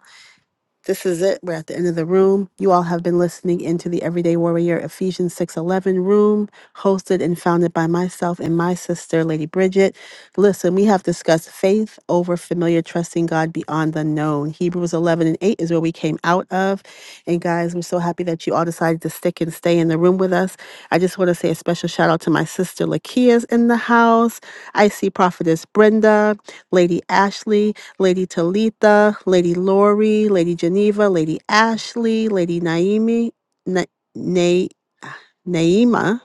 This is it. We're at the end of the room. You all have been listening into the Everyday Warrior Ephesians 6:11 room, hosted and founded by myself and my sister, Lady Bridget. Listen, we have discussed faith over familiar, trusting God beyond the known. Hebrews 11 and 8 is where we came out of. And guys, we're so happy that you all decided to stick and stay in the room with us. I just want to say a special shout out to my sister Lakia's in the house. I see Prophetess Brenda, Lady Ashley, Lady Talitha, Lady Lori, Lady Geneva, Lady Ashley, Lady Naimi, Na- Na- Naima,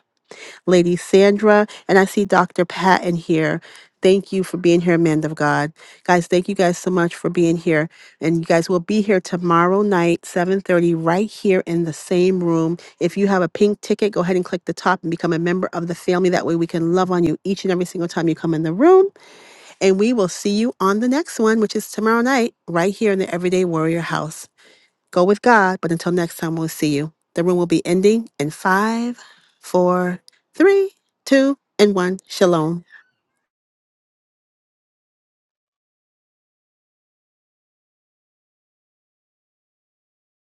Lady Sandra, and I see Dr. Patton here. Thank you for being here, Man of God. Guys, thank you guys so much for being here. And you guys will be here tomorrow night, 7:30, right here in the same room. If you have a pink ticket, go ahead and click the top and become a member of the family. That way we can love on you each and every single time you come in the room. And we will see you on the next one, which is tomorrow night, right here in the Everyday Warrior House. Go with God, but until next time, we'll see you. The room will be ending in five, four, three, two, and one. Shalom.